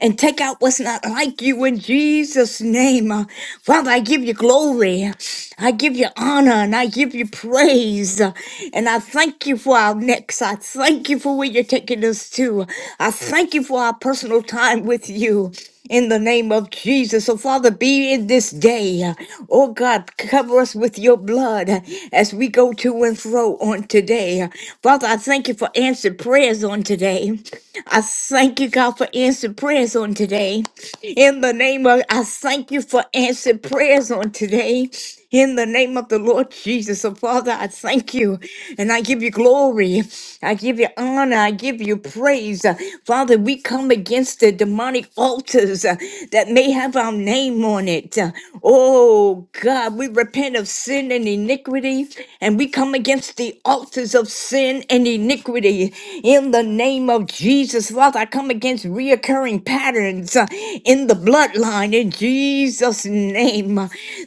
G: and take out what's not like you in Jesus' name. Uh, Father, I give you glory. I give you honor and I give you praise. Uh, and I thank you for our next. I thank you for where you're taking us to. I thank you for our personal time with you in the name of Jesus. So, Father, be in this day. Oh, God, Cover us with your blood uh, as we go to and fro on today. Father, I thank you for answered prayers on today. I thank you, God, for answered prayers on today. In the name of, I thank you for answered prayers on today. In the name of the Lord Jesus, so Father, I thank you and I give you glory. I give you honor. I give you praise. Uh, Father, we come against the demonic altars. Uh, that may have our name on it. Oh God, we repent of sin and iniquity and we come against the altars of sin and iniquity in the name of Jesus. Father, I come against reoccurring patterns uh, in the bloodline in Jesus' name.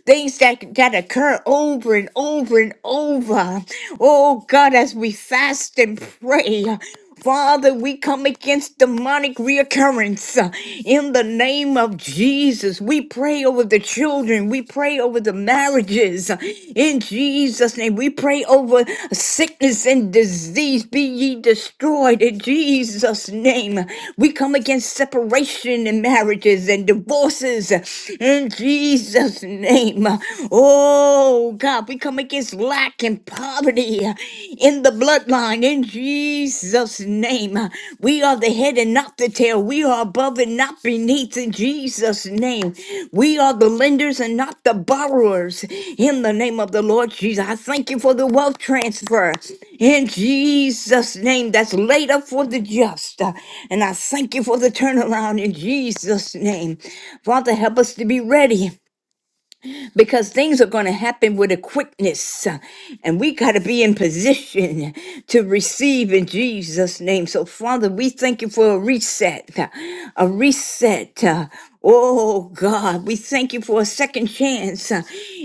G: Things that, that occur over and over and over. Oh God, as we fast and pray. Father, we come against demonic reoccurrence uh, in the name of Jesus. We pray over the children. We pray over the marriages uh, in Jesus' name. We pray over sickness and disease. Be ye destroyed in Jesus' name. We come against separation in marriages and divorces uh, in Jesus' name. Oh, God, we come against lack lack and poverty uh, in the bloodline in Jesus' name. Uh, We are the head and not the tail. We are above and not beneath in Jesus' name. We are the lenders and not the borrowers in the name of the Lord Jesus. I thank you for the wealth transfer in Jesus' name that's laid up for the just. Uh, And I thank you for the turnaround in Jesus' name. Father, help us to be ready because things are going to happen with a quickness uh, and we got to be in position to receive in Jesus name. So Father, we thank you for a reset, uh, a reset. uh, Oh God, we thank you for a second chance. uh,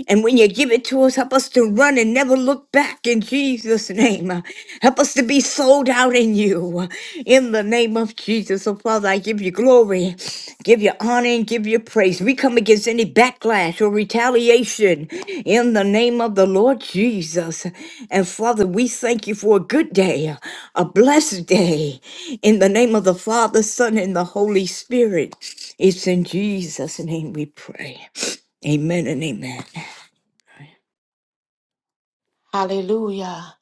G: And when you give it to us, help us to run and never look back in Jesus' name. uh, Help us to be sold out in you in the name of Jesus. So, Father, I give you glory, give you honor, and give you praise. We come against any backlash or retaliation in the name of the Lord Jesus. And, Father, we thank you for a good day, a blessed day, in the name of the Father, Son, and the Holy Spirit. It's in Jesus' name we pray. Amen and amen.
A: Hallelujah.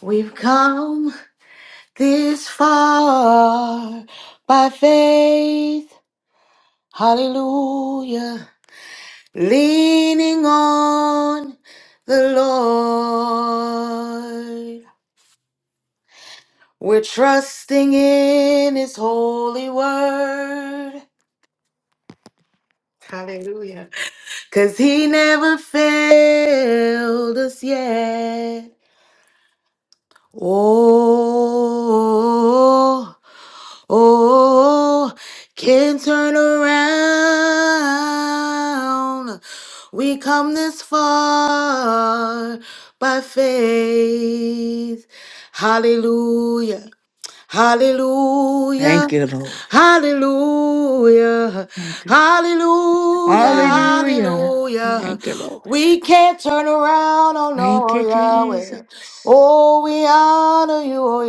A: We've come this far by faith. Hallelujah. Leaning on the Lord. We're trusting in His holy word. Hallelujah. Cause he never failed us yet. Oh, oh, can turn around. We come this far by faith. Hallelujah. Hallelujah.
G: Thank you, Lord.
A: Hallelujah.
G: Thank you.
A: Hallelujah.
H: Hallelujah.
G: Hallelujah.
A: Hallelujah.
G: Thank you, Lord.
A: We can't turn around, oh
G: Thank you,
A: Lord Yahweh.
G: Jesus.
A: Oh, we honor you, oh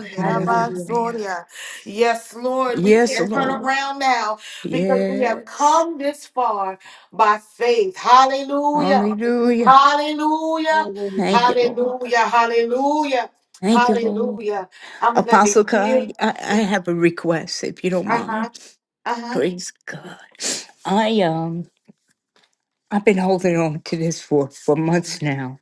A: Yahweh.
H: Hallelujah.
A: Rabasoria. Yes, Lord, we
G: Yes,
A: can't turn
G: Lord.
A: around now because we have
G: Yes.
A: come this far by faith. Hallelujah.
G: Hallelujah.
A: Hallelujah.
H: Hallelujah.
G: Thank you, Lord.
A: Hallelujah. Hallelujah.
G: Thank you, Lord.
A: Hallelujah. I'm going to
G: Apostle
A: hear.
G: Kai, I, I have a request, if you don't mind.
A: Uh-huh.
G: Praise God. I um I've been holding on to this for, for months now.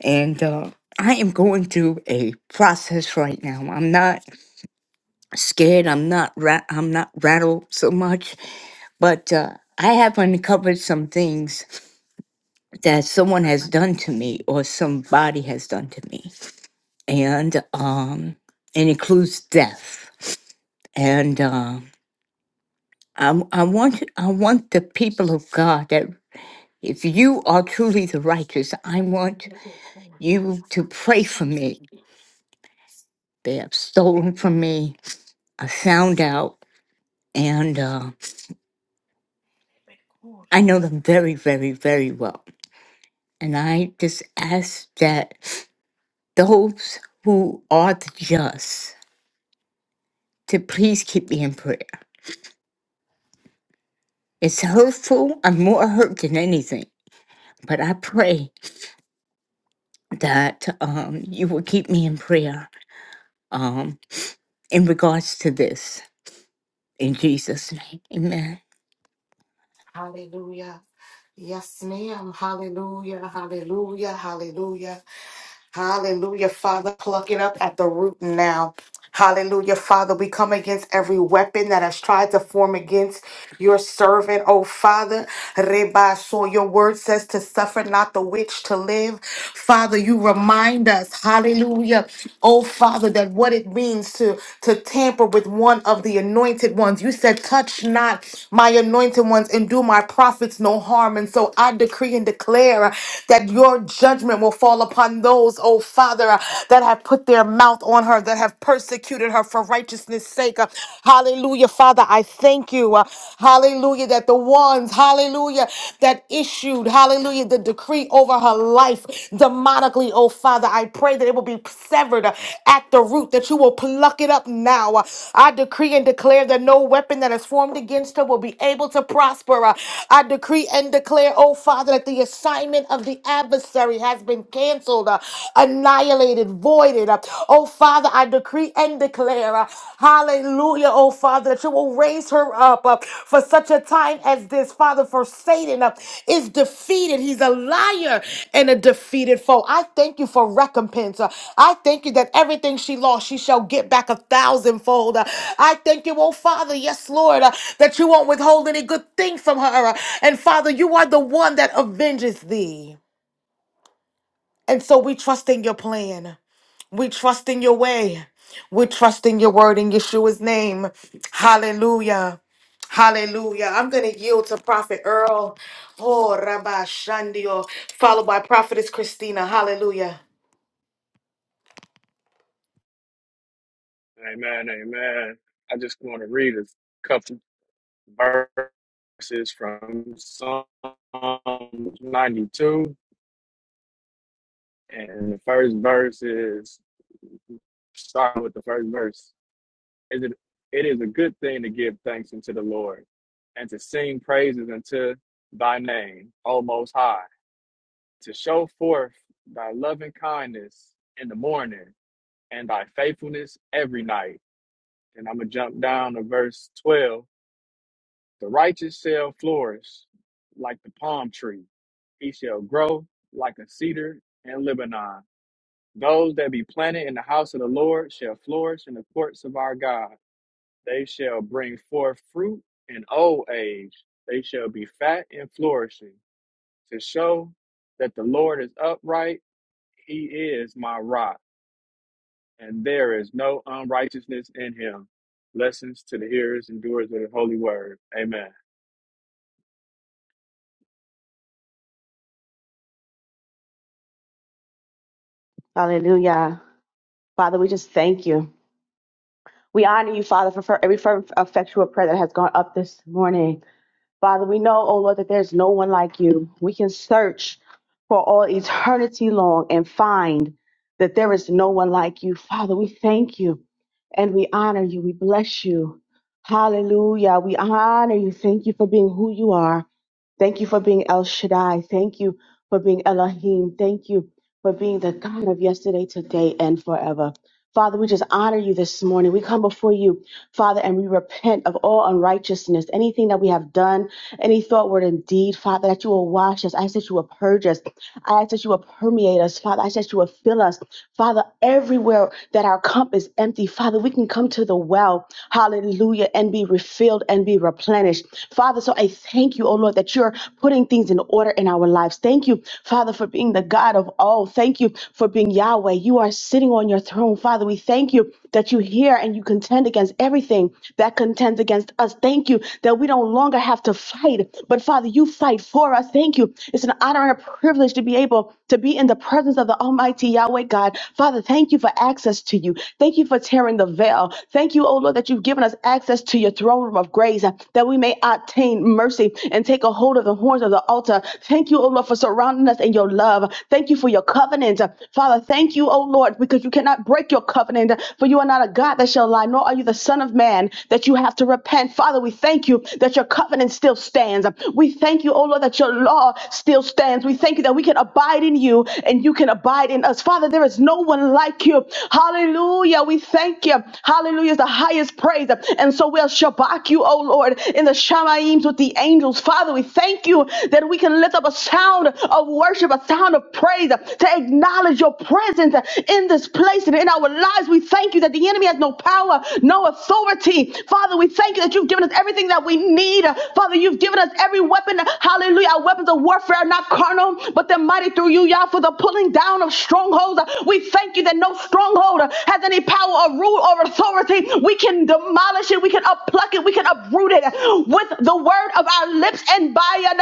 G: And uh I am going through a process right now. I'm not scared. I'm not ra- I'm not rattled so much but uh, I have uncovered some things that someone has done to me or somebody has done to me, and um, it includes death. And uh, I, I want I want the people of God that if you are truly the righteous, I want you to pray for me. They have stolen from me. I found out, and uh, I know them very, very, very well. And I just ask that those who are the just to please keep me in prayer. It's hurtful. I'm more hurt than anything, but I pray that um, you will keep me in prayer um, in regards to this. In Jesus' name, amen.
A: Hallelujah. Yes, ma'am. Hallelujah. Hallelujah. Hallelujah. Hallelujah. Father, pluck it up at the root now. Hallelujah. Father, we come against every weapon that has tried to form against your servant, oh Father. Reba, so your word says to suffer not the witch to live. Father, you remind us, hallelujah, oh Father, that what it means to, to tamper with one of the anointed ones. You said, touch not my anointed ones and do my prophets no harm. And so I decree and declare that your judgment will fall upon those, oh Father, that have put their mouth on her, that have persecuted her for righteousness righteousness' sake. Uh, Hallelujah, Father, I thank you. Uh, Hallelujah, that the ones, hallelujah, that issued, hallelujah, the decree over her life demonically, oh Father, I pray that it will be severed uh, at the root, that you will pluck it up now. Uh, I decree and declare that no weapon that is formed against her will be able to prosper. Uh, I decree and declare, oh Father, that the assignment of the adversary has been canceled, uh, annihilated voided. Oh, Father, I decree and declare, uh, hallelujah, oh, Father, that you will raise her up uh, for such a time as this. Father, for Satan uh, is defeated. He's a liar and a defeated foe. I thank you for recompense. Uh, I thank you that everything she lost, she shall get back a thousandfold. Uh, I thank you, oh, Father, yes, Lord, uh, that you won't withhold any good thing from her. Uh, And, Father, you are the one that avenges thee. And so we trust in your plan. We trust in your way. We trust in your word in Yeshua's name. Hallelujah. Hallelujah. I'm going to yield to Prophet Earl. Oh, Rabbi Shandio, followed by Prophetess Christina. Hallelujah.
I: Amen, amen. I just want to read a couple verses from Psalm 92. And the first verse is starting with the first verse. Is it it is a good thing to give thanks unto the Lord and to sing praises unto thy name, O most high, to show forth thy loving kindness in the morning and thy faithfulness every night. And I'm gonna jump down to verse 12 The righteous shall flourish like the palm tree. He shall grow like a cedar in Lebanon. Those that be planted in the house of the Lord shall flourish in the courts of our God. They shall bring forth fruit in old age. They shall be fat and flourishing to show that the Lord is upright. He is my rock, and there is no unrighteousness in him. Blessings to the hearers and doers of the holy word. Amen.
H: Hallelujah. Father, we just thank you. We honor you, Father, for for every fervent, effectual prayer that has gone up this morning. Father, we know, oh Lord, that there's no one like you. We can search for all eternity long and find that there is no one like you. Father, we thank you and we honor you. We bless you. Hallelujah. We honor you. Thank you for being who you are. Thank you for being El Shaddai. Thank you for being Elohim. Thank you for being the God of yesterday, today, and forever. Father, we just honor you this morning. We come before you Father, and we repent of all unrighteousness, anything that we have done, any thought, word, and deed, Father, that you will wash us. I ask that you will purge us. I ask that you will permeate us, Father. I ask that you will fill us, Father, everywhere that our cup is empty, Father, we can come to the well, hallelujah, and be refilled and be replenished. Father, so I thank you, oh Lord, that you're putting things in order in our lives. Thank you, Father, for being the God of all. Thank you for being Yahweh. You are sitting on your throne, Father. We thank you that you hear hear and you contend against everything that contends against us. Thank you that we don't longer have to fight, but Father, you fight for us. Thank you. It's an honor and a privilege to be able to be in the presence of the Almighty Yahweh God. Father, thank you for access to you. Thank you for tearing the veil. Thank you, oh Lord, that you've given us access to your throne room of grace uh, that we may obtain mercy and take a hold of the horns of the altar. Thank you, oh Lord, for surrounding us in your love. Thank you for your covenant. Uh, Father, thank you, oh Lord, because you cannot break your your covenant, for you are not a God that shall lie, nor are you the Son of Man that you have to repent. Father, we thank you that your covenant still stands. We thank you, oh Lord, that your law still stands. We thank you that we can abide in you and you can abide in us. Father, there is no one like you. Hallelujah. We thank you. Hallelujah is the highest praise. And so we'll shabak you, oh Lord, in the Shamaims with the angels. Father, we thank you that we can lift up a sound of worship, a sound of praise to acknowledge your presence in this place and in our lives. We thank you that the enemy has no power, no authority. Father, we thank you that you've given us everything that we need. Father, you've given us every weapon. Hallelujah. Our weapons of warfare are not carnal, but they're mighty through you, Yah, for the pulling down of strongholds. We thank you that no stronghold has any power or rule or authority. We can demolish it, we can uppluck it, we can uproot it with the word of our lips and by an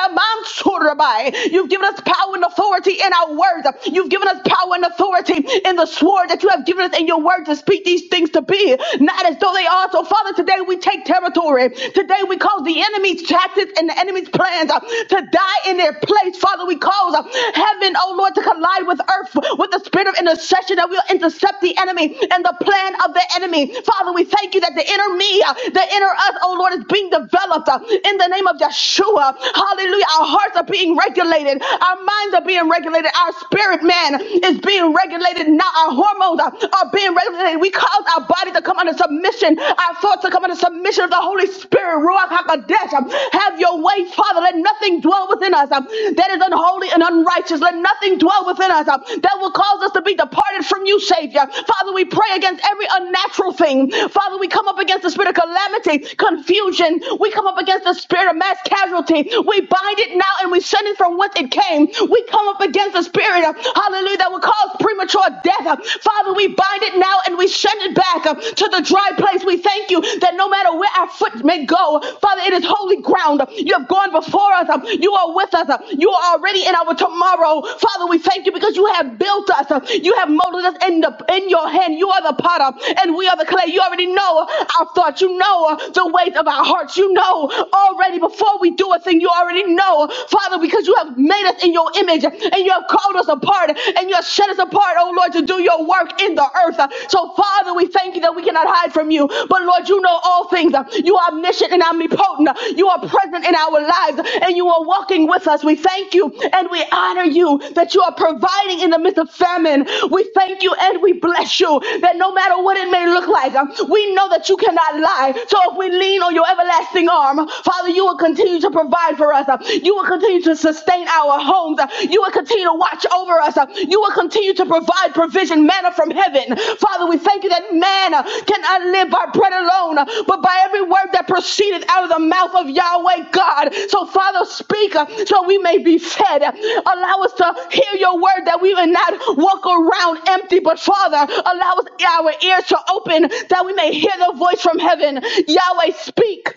H: You've given us power and authority in our words. You've given given us power and authority in the sword that you have given us in your word to speak these things to be, not as though they are. So, Father, today we take territory. Today we cause the enemy's tactics and the enemy's plans uh, to die in their place. Father, we cause uh, heaven, oh Lord, to collide with earth with the spirit of intercession that will intercept the enemy and the plan of the enemy. Father, we thank you that the inner me, uh, the inner us, oh Lord, is being developed uh, in the name of Yeshua. Hallelujah. Our hearts are being regulated, our minds are being being regulated. Our spirit man is being regulated. Now our hormones are, are being regulated. We cause our body to come under submission, our thoughts to come under submission of the Holy Spirit. Ruach HaKodesh, um, have your way, Father. Let nothing dwell within us um, that is unholy and unrighteous. Let nothing dwell within us um, that will cause us to be departed from you, Savior. Father, we pray against every unnatural thing. Father, we come up against the spirit of calamity, confusion. We come up against the spirit of mass casualty. We bind it now and we send it from from whence it came. We come up against the spirit, uh, hallelujah, that will cause premature death. Uh, Father, we bind it now and we send it back uh, to the dry place. We thank you that no matter where our foot may go, Father, it is holy ground. You have gone before us. uh, You are with us. uh, You are already in our tomorrow. Father, we thank you because you have built us. uh, You have molded us in, the, in your hand. You are the potter and we are the clay. You already know our thoughts. You know uh, the weight of our hearts. You know already before we do a thing, you already already know, Father, because you have made us in your image and you have called us apart and you have set us apart, oh Lord, to do your work in the earth. So, Father, we thank you that we cannot hide from you. But, Lord, you know all things. You are omniscient and omnipotent. You are present in our lives and you are walking with us. We thank you and we honor you that you are providing in the midst of famine. We thank you and we bless you that no matter what it may look like, um, we know that you cannot lie. So if we lean on your everlasting arm, Father, you will you will continue to provide for us. Uh, You will continue to sustain our homes. Uh, You will continue to watch over us. Uh, You will continue to provide provision, manna from heaven. Father, we thank you that man uh, cannot live by bread alone, uh, but by every word that proceeded out of the mouth of Yahweh God. So, Father, speak uh, so we may be fed. Allow us to hear your word that we may not walk around empty, but Father, allow us our ears to open that we may hear the voice from heaven. Yahweh, speak.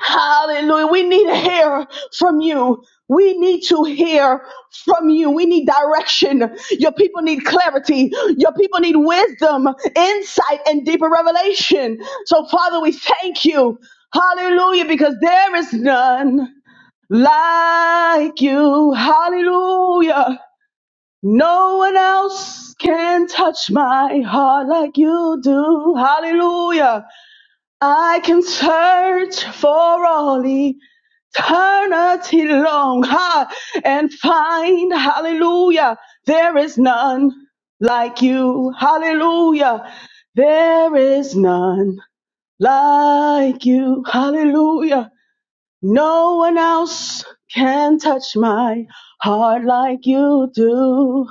H: Hallelujah. We need to hear from you. We need to hear from you. We need direction. Your people need clarity. Your people need wisdom, insight, and deeper revelation. So, Father, we thank you. Hallelujah, because there is none like you. Hallelujah. No one else can touch my heart like you do. Hallelujah. I can search for all eternity long high and find hallelujah there is none like you hallelujah there is none like you hallelujah no one else can touch my heart like you do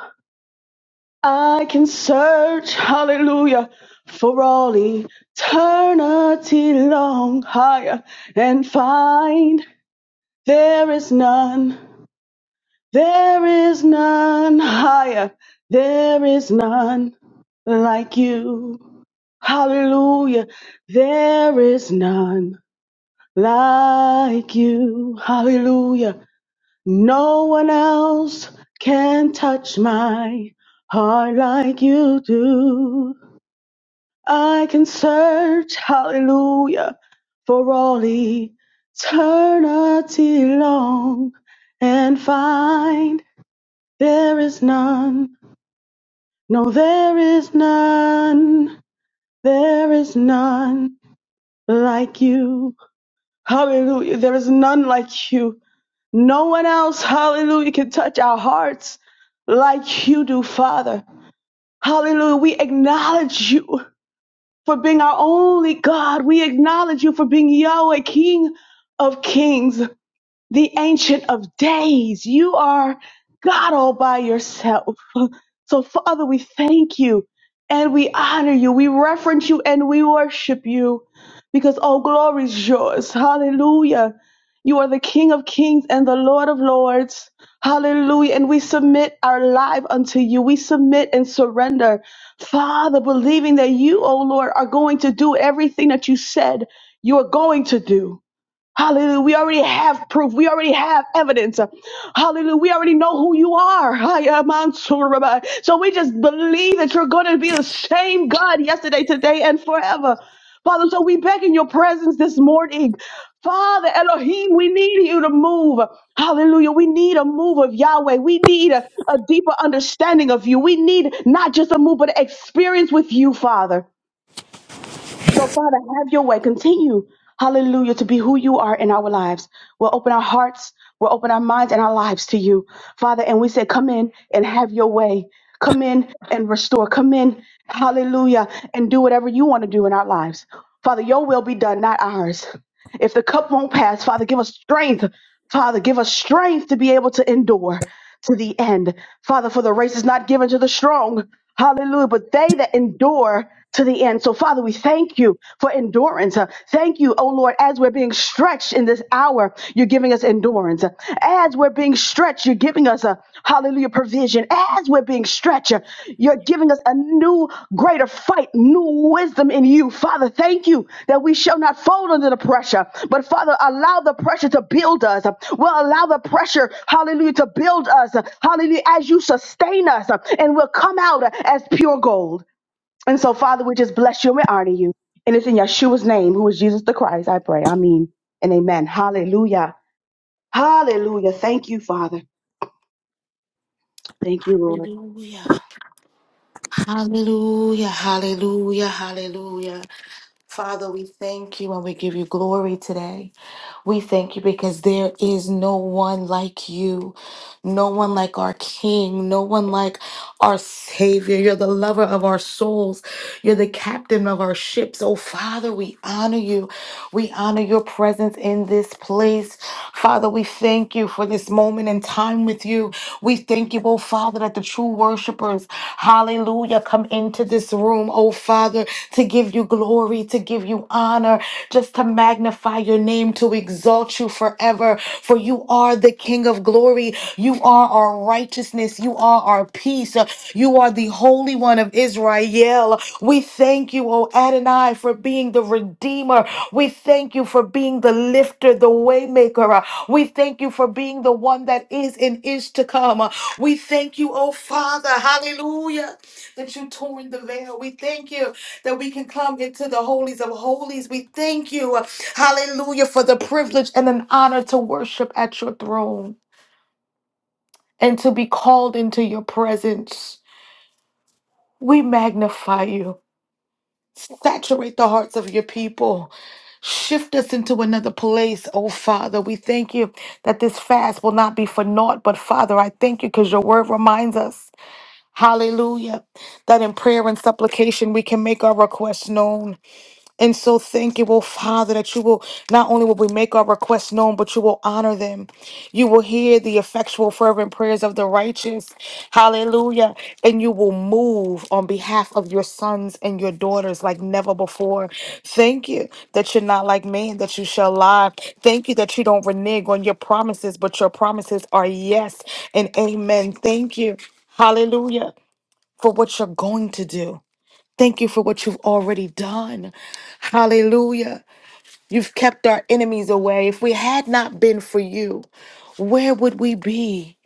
H: i can search hallelujah for all eternity long higher and find there is none There is none higher. There is none like you. Hallelujah. There is none like you. Hallelujah. No one else can touch my heart like you do. I can search, hallelujah, for all eternity long and find there is none, no, there is none, there is none like you. Hallelujah. There is none like you. No one else, hallelujah, can touch our hearts like you do, Father. Hallelujah. We acknowledge you for being our only God. We acknowledge you for being Yahweh, King of kings. the Ancient of Days. You are God all by yourself. So, Father, we thank you and we honor you. We reverence you and we worship you because all glory is yours. Hallelujah. You are the King of Kings and the Lord of Lords. Hallelujah. And we submit our life unto you. We submit and surrender, Father, believing that you, O Lord, are going to do everything that you said you are going to do. Hallelujah. We already have proof. We already have evidence. Hallelujah. We already know who you are. Hiya, Mansoor Rabbi. So we just believe that you're going to be the same God yesterday, today, and forever. Father, so we beg in your presence this morning. Father Elohim, we need you to move. Hallelujah. We need a move of Yahweh. We need a, a deeper understanding of you. We need not just a move, but an experience with you, Father. So, Father, have your way. Continue, hallelujah, to be who you are in our lives. We'll open our hearts, we'll open our minds and our lives to you, Father. And we say, come in and have your way. Come in and restore. Come in, hallelujah, and do whatever you want to do in our lives. Father, your will be done, not ours. If the cup won't pass, Father, give us strength. Father, give us strength to be able to endure to the end. Father, for the race is not given to the strong. Hallelujah. But they that endure to the end. So, Father, we thank you for endurance. Uh, Thank you, oh Lord, as we're being stretched in this hour, you're giving us endurance. As we're being stretched, you're giving us a hallelujah provision. As we're being stretch. You're giving us a new, greater fight, new wisdom in you. Father, thank you that we shall not fold under the pressure, but Father, allow the pressure to build us. Well, allow the pressure, hallelujah, to build us. Hallelujah, as you sustain us, and we'll come out as pure gold. And so, Father, we just bless you and we honor you. And it's in Yeshua's name, who is Jesus the Christ, I pray. I mean, and amen. Hallelujah. Hallelujah. Thank you, Father. Thank you, Lord.
A: Hallelujah. Hallelujah. Hallelujah. Hallelujah. Father, we thank you and we give you glory today. We thank you because there is no one like you, no one like our King, no one like our Savior. You're the lover of our souls, you're the captain of our ships. Oh, Father, we honor you we honor your presence in this place. Father, we thank you for this moment in time with you. We thank you, oh Father, that the true worshipers, hallelujah, come into this room, oh Father, to give you glory, to give you honor, just to magnify your name, to exalt you forever, for you are the King of glory. You are our righteousness. You are our peace. You are the Holy One of Israel. We thank you, O Adonai, for being the Redeemer. We thank you for being the lifter, the waymaker. We thank you for being the one that is and is to come. We thank you, O Father, hallelujah, that you torn the veil. We thank you that we can come into the holies of holies. We thank you Hallelujah for the privilege and an honor to worship at your throne and to be called into your presence. We magnify you. Saturate the hearts of your people. Shift us into another place, oh Father. We thank you that this fast will not be for naught, but Father, I thank you because your word reminds us, hallelujah, that in prayer and supplication we can make our requests known. And so thank you, oh Father, that you will not only will we make our requests known, but you will honor them. You will hear the effectual, fervent prayers of the righteous. Hallelujah. And you will move on behalf of your sons and your daughters like never before. Thank you that you're not like man, that you shall lie. Thank you that you don't renege on your promises, but your promises are yes and amen. Thank you. Hallelujah. For what you're going to do. Thank you for what you've already done. Hallelujah. You've kept our enemies away. If we had not been for you, where would we be?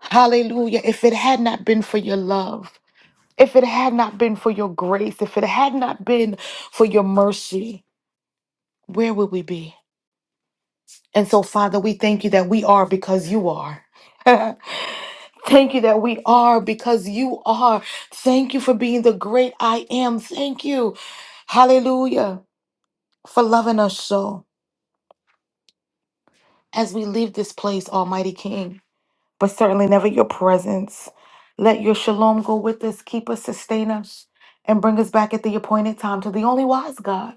A: Hallelujah. If it had not been for your love, if it had not been for your grace, if it had not been for your mercy, where would we be? And so, Father, we thank you that we are because you are. Thank you that we are because you are. Thank you for being the great I am. Thank you. Hallelujah for loving us so as we leave this place, Almighty King, but certainly never your presence. Let your shalom go with us, keep us, sustain us, and bring us back at the appointed time to the only wise God,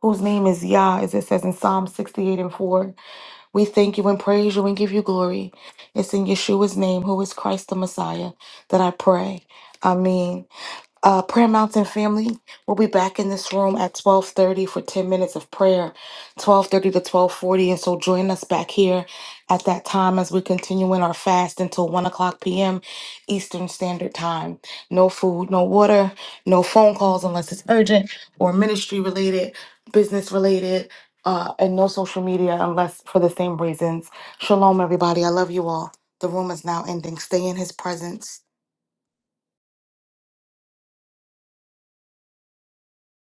A: whose name is Yah, as it says in Psalm 68 and 4. We thank you and praise you and give you glory. It's in Yeshua's name, who is Christ the Messiah, that I pray. Amen. Uh, Prayer Mountain family, we'll be back in this room at 12:30 for 10 minutes of prayer, 12:30 to 12:40, and so join us back here at that time as we continue in our fast until 1 o'clock p.m. Eastern Standard Time. No food, no water, no phone calls unless it's urgent or ministry related, business related, uh, and no social media unless for the same reasons. Shalom, everybody. I love you all. The room is now ending. Stay in His presence.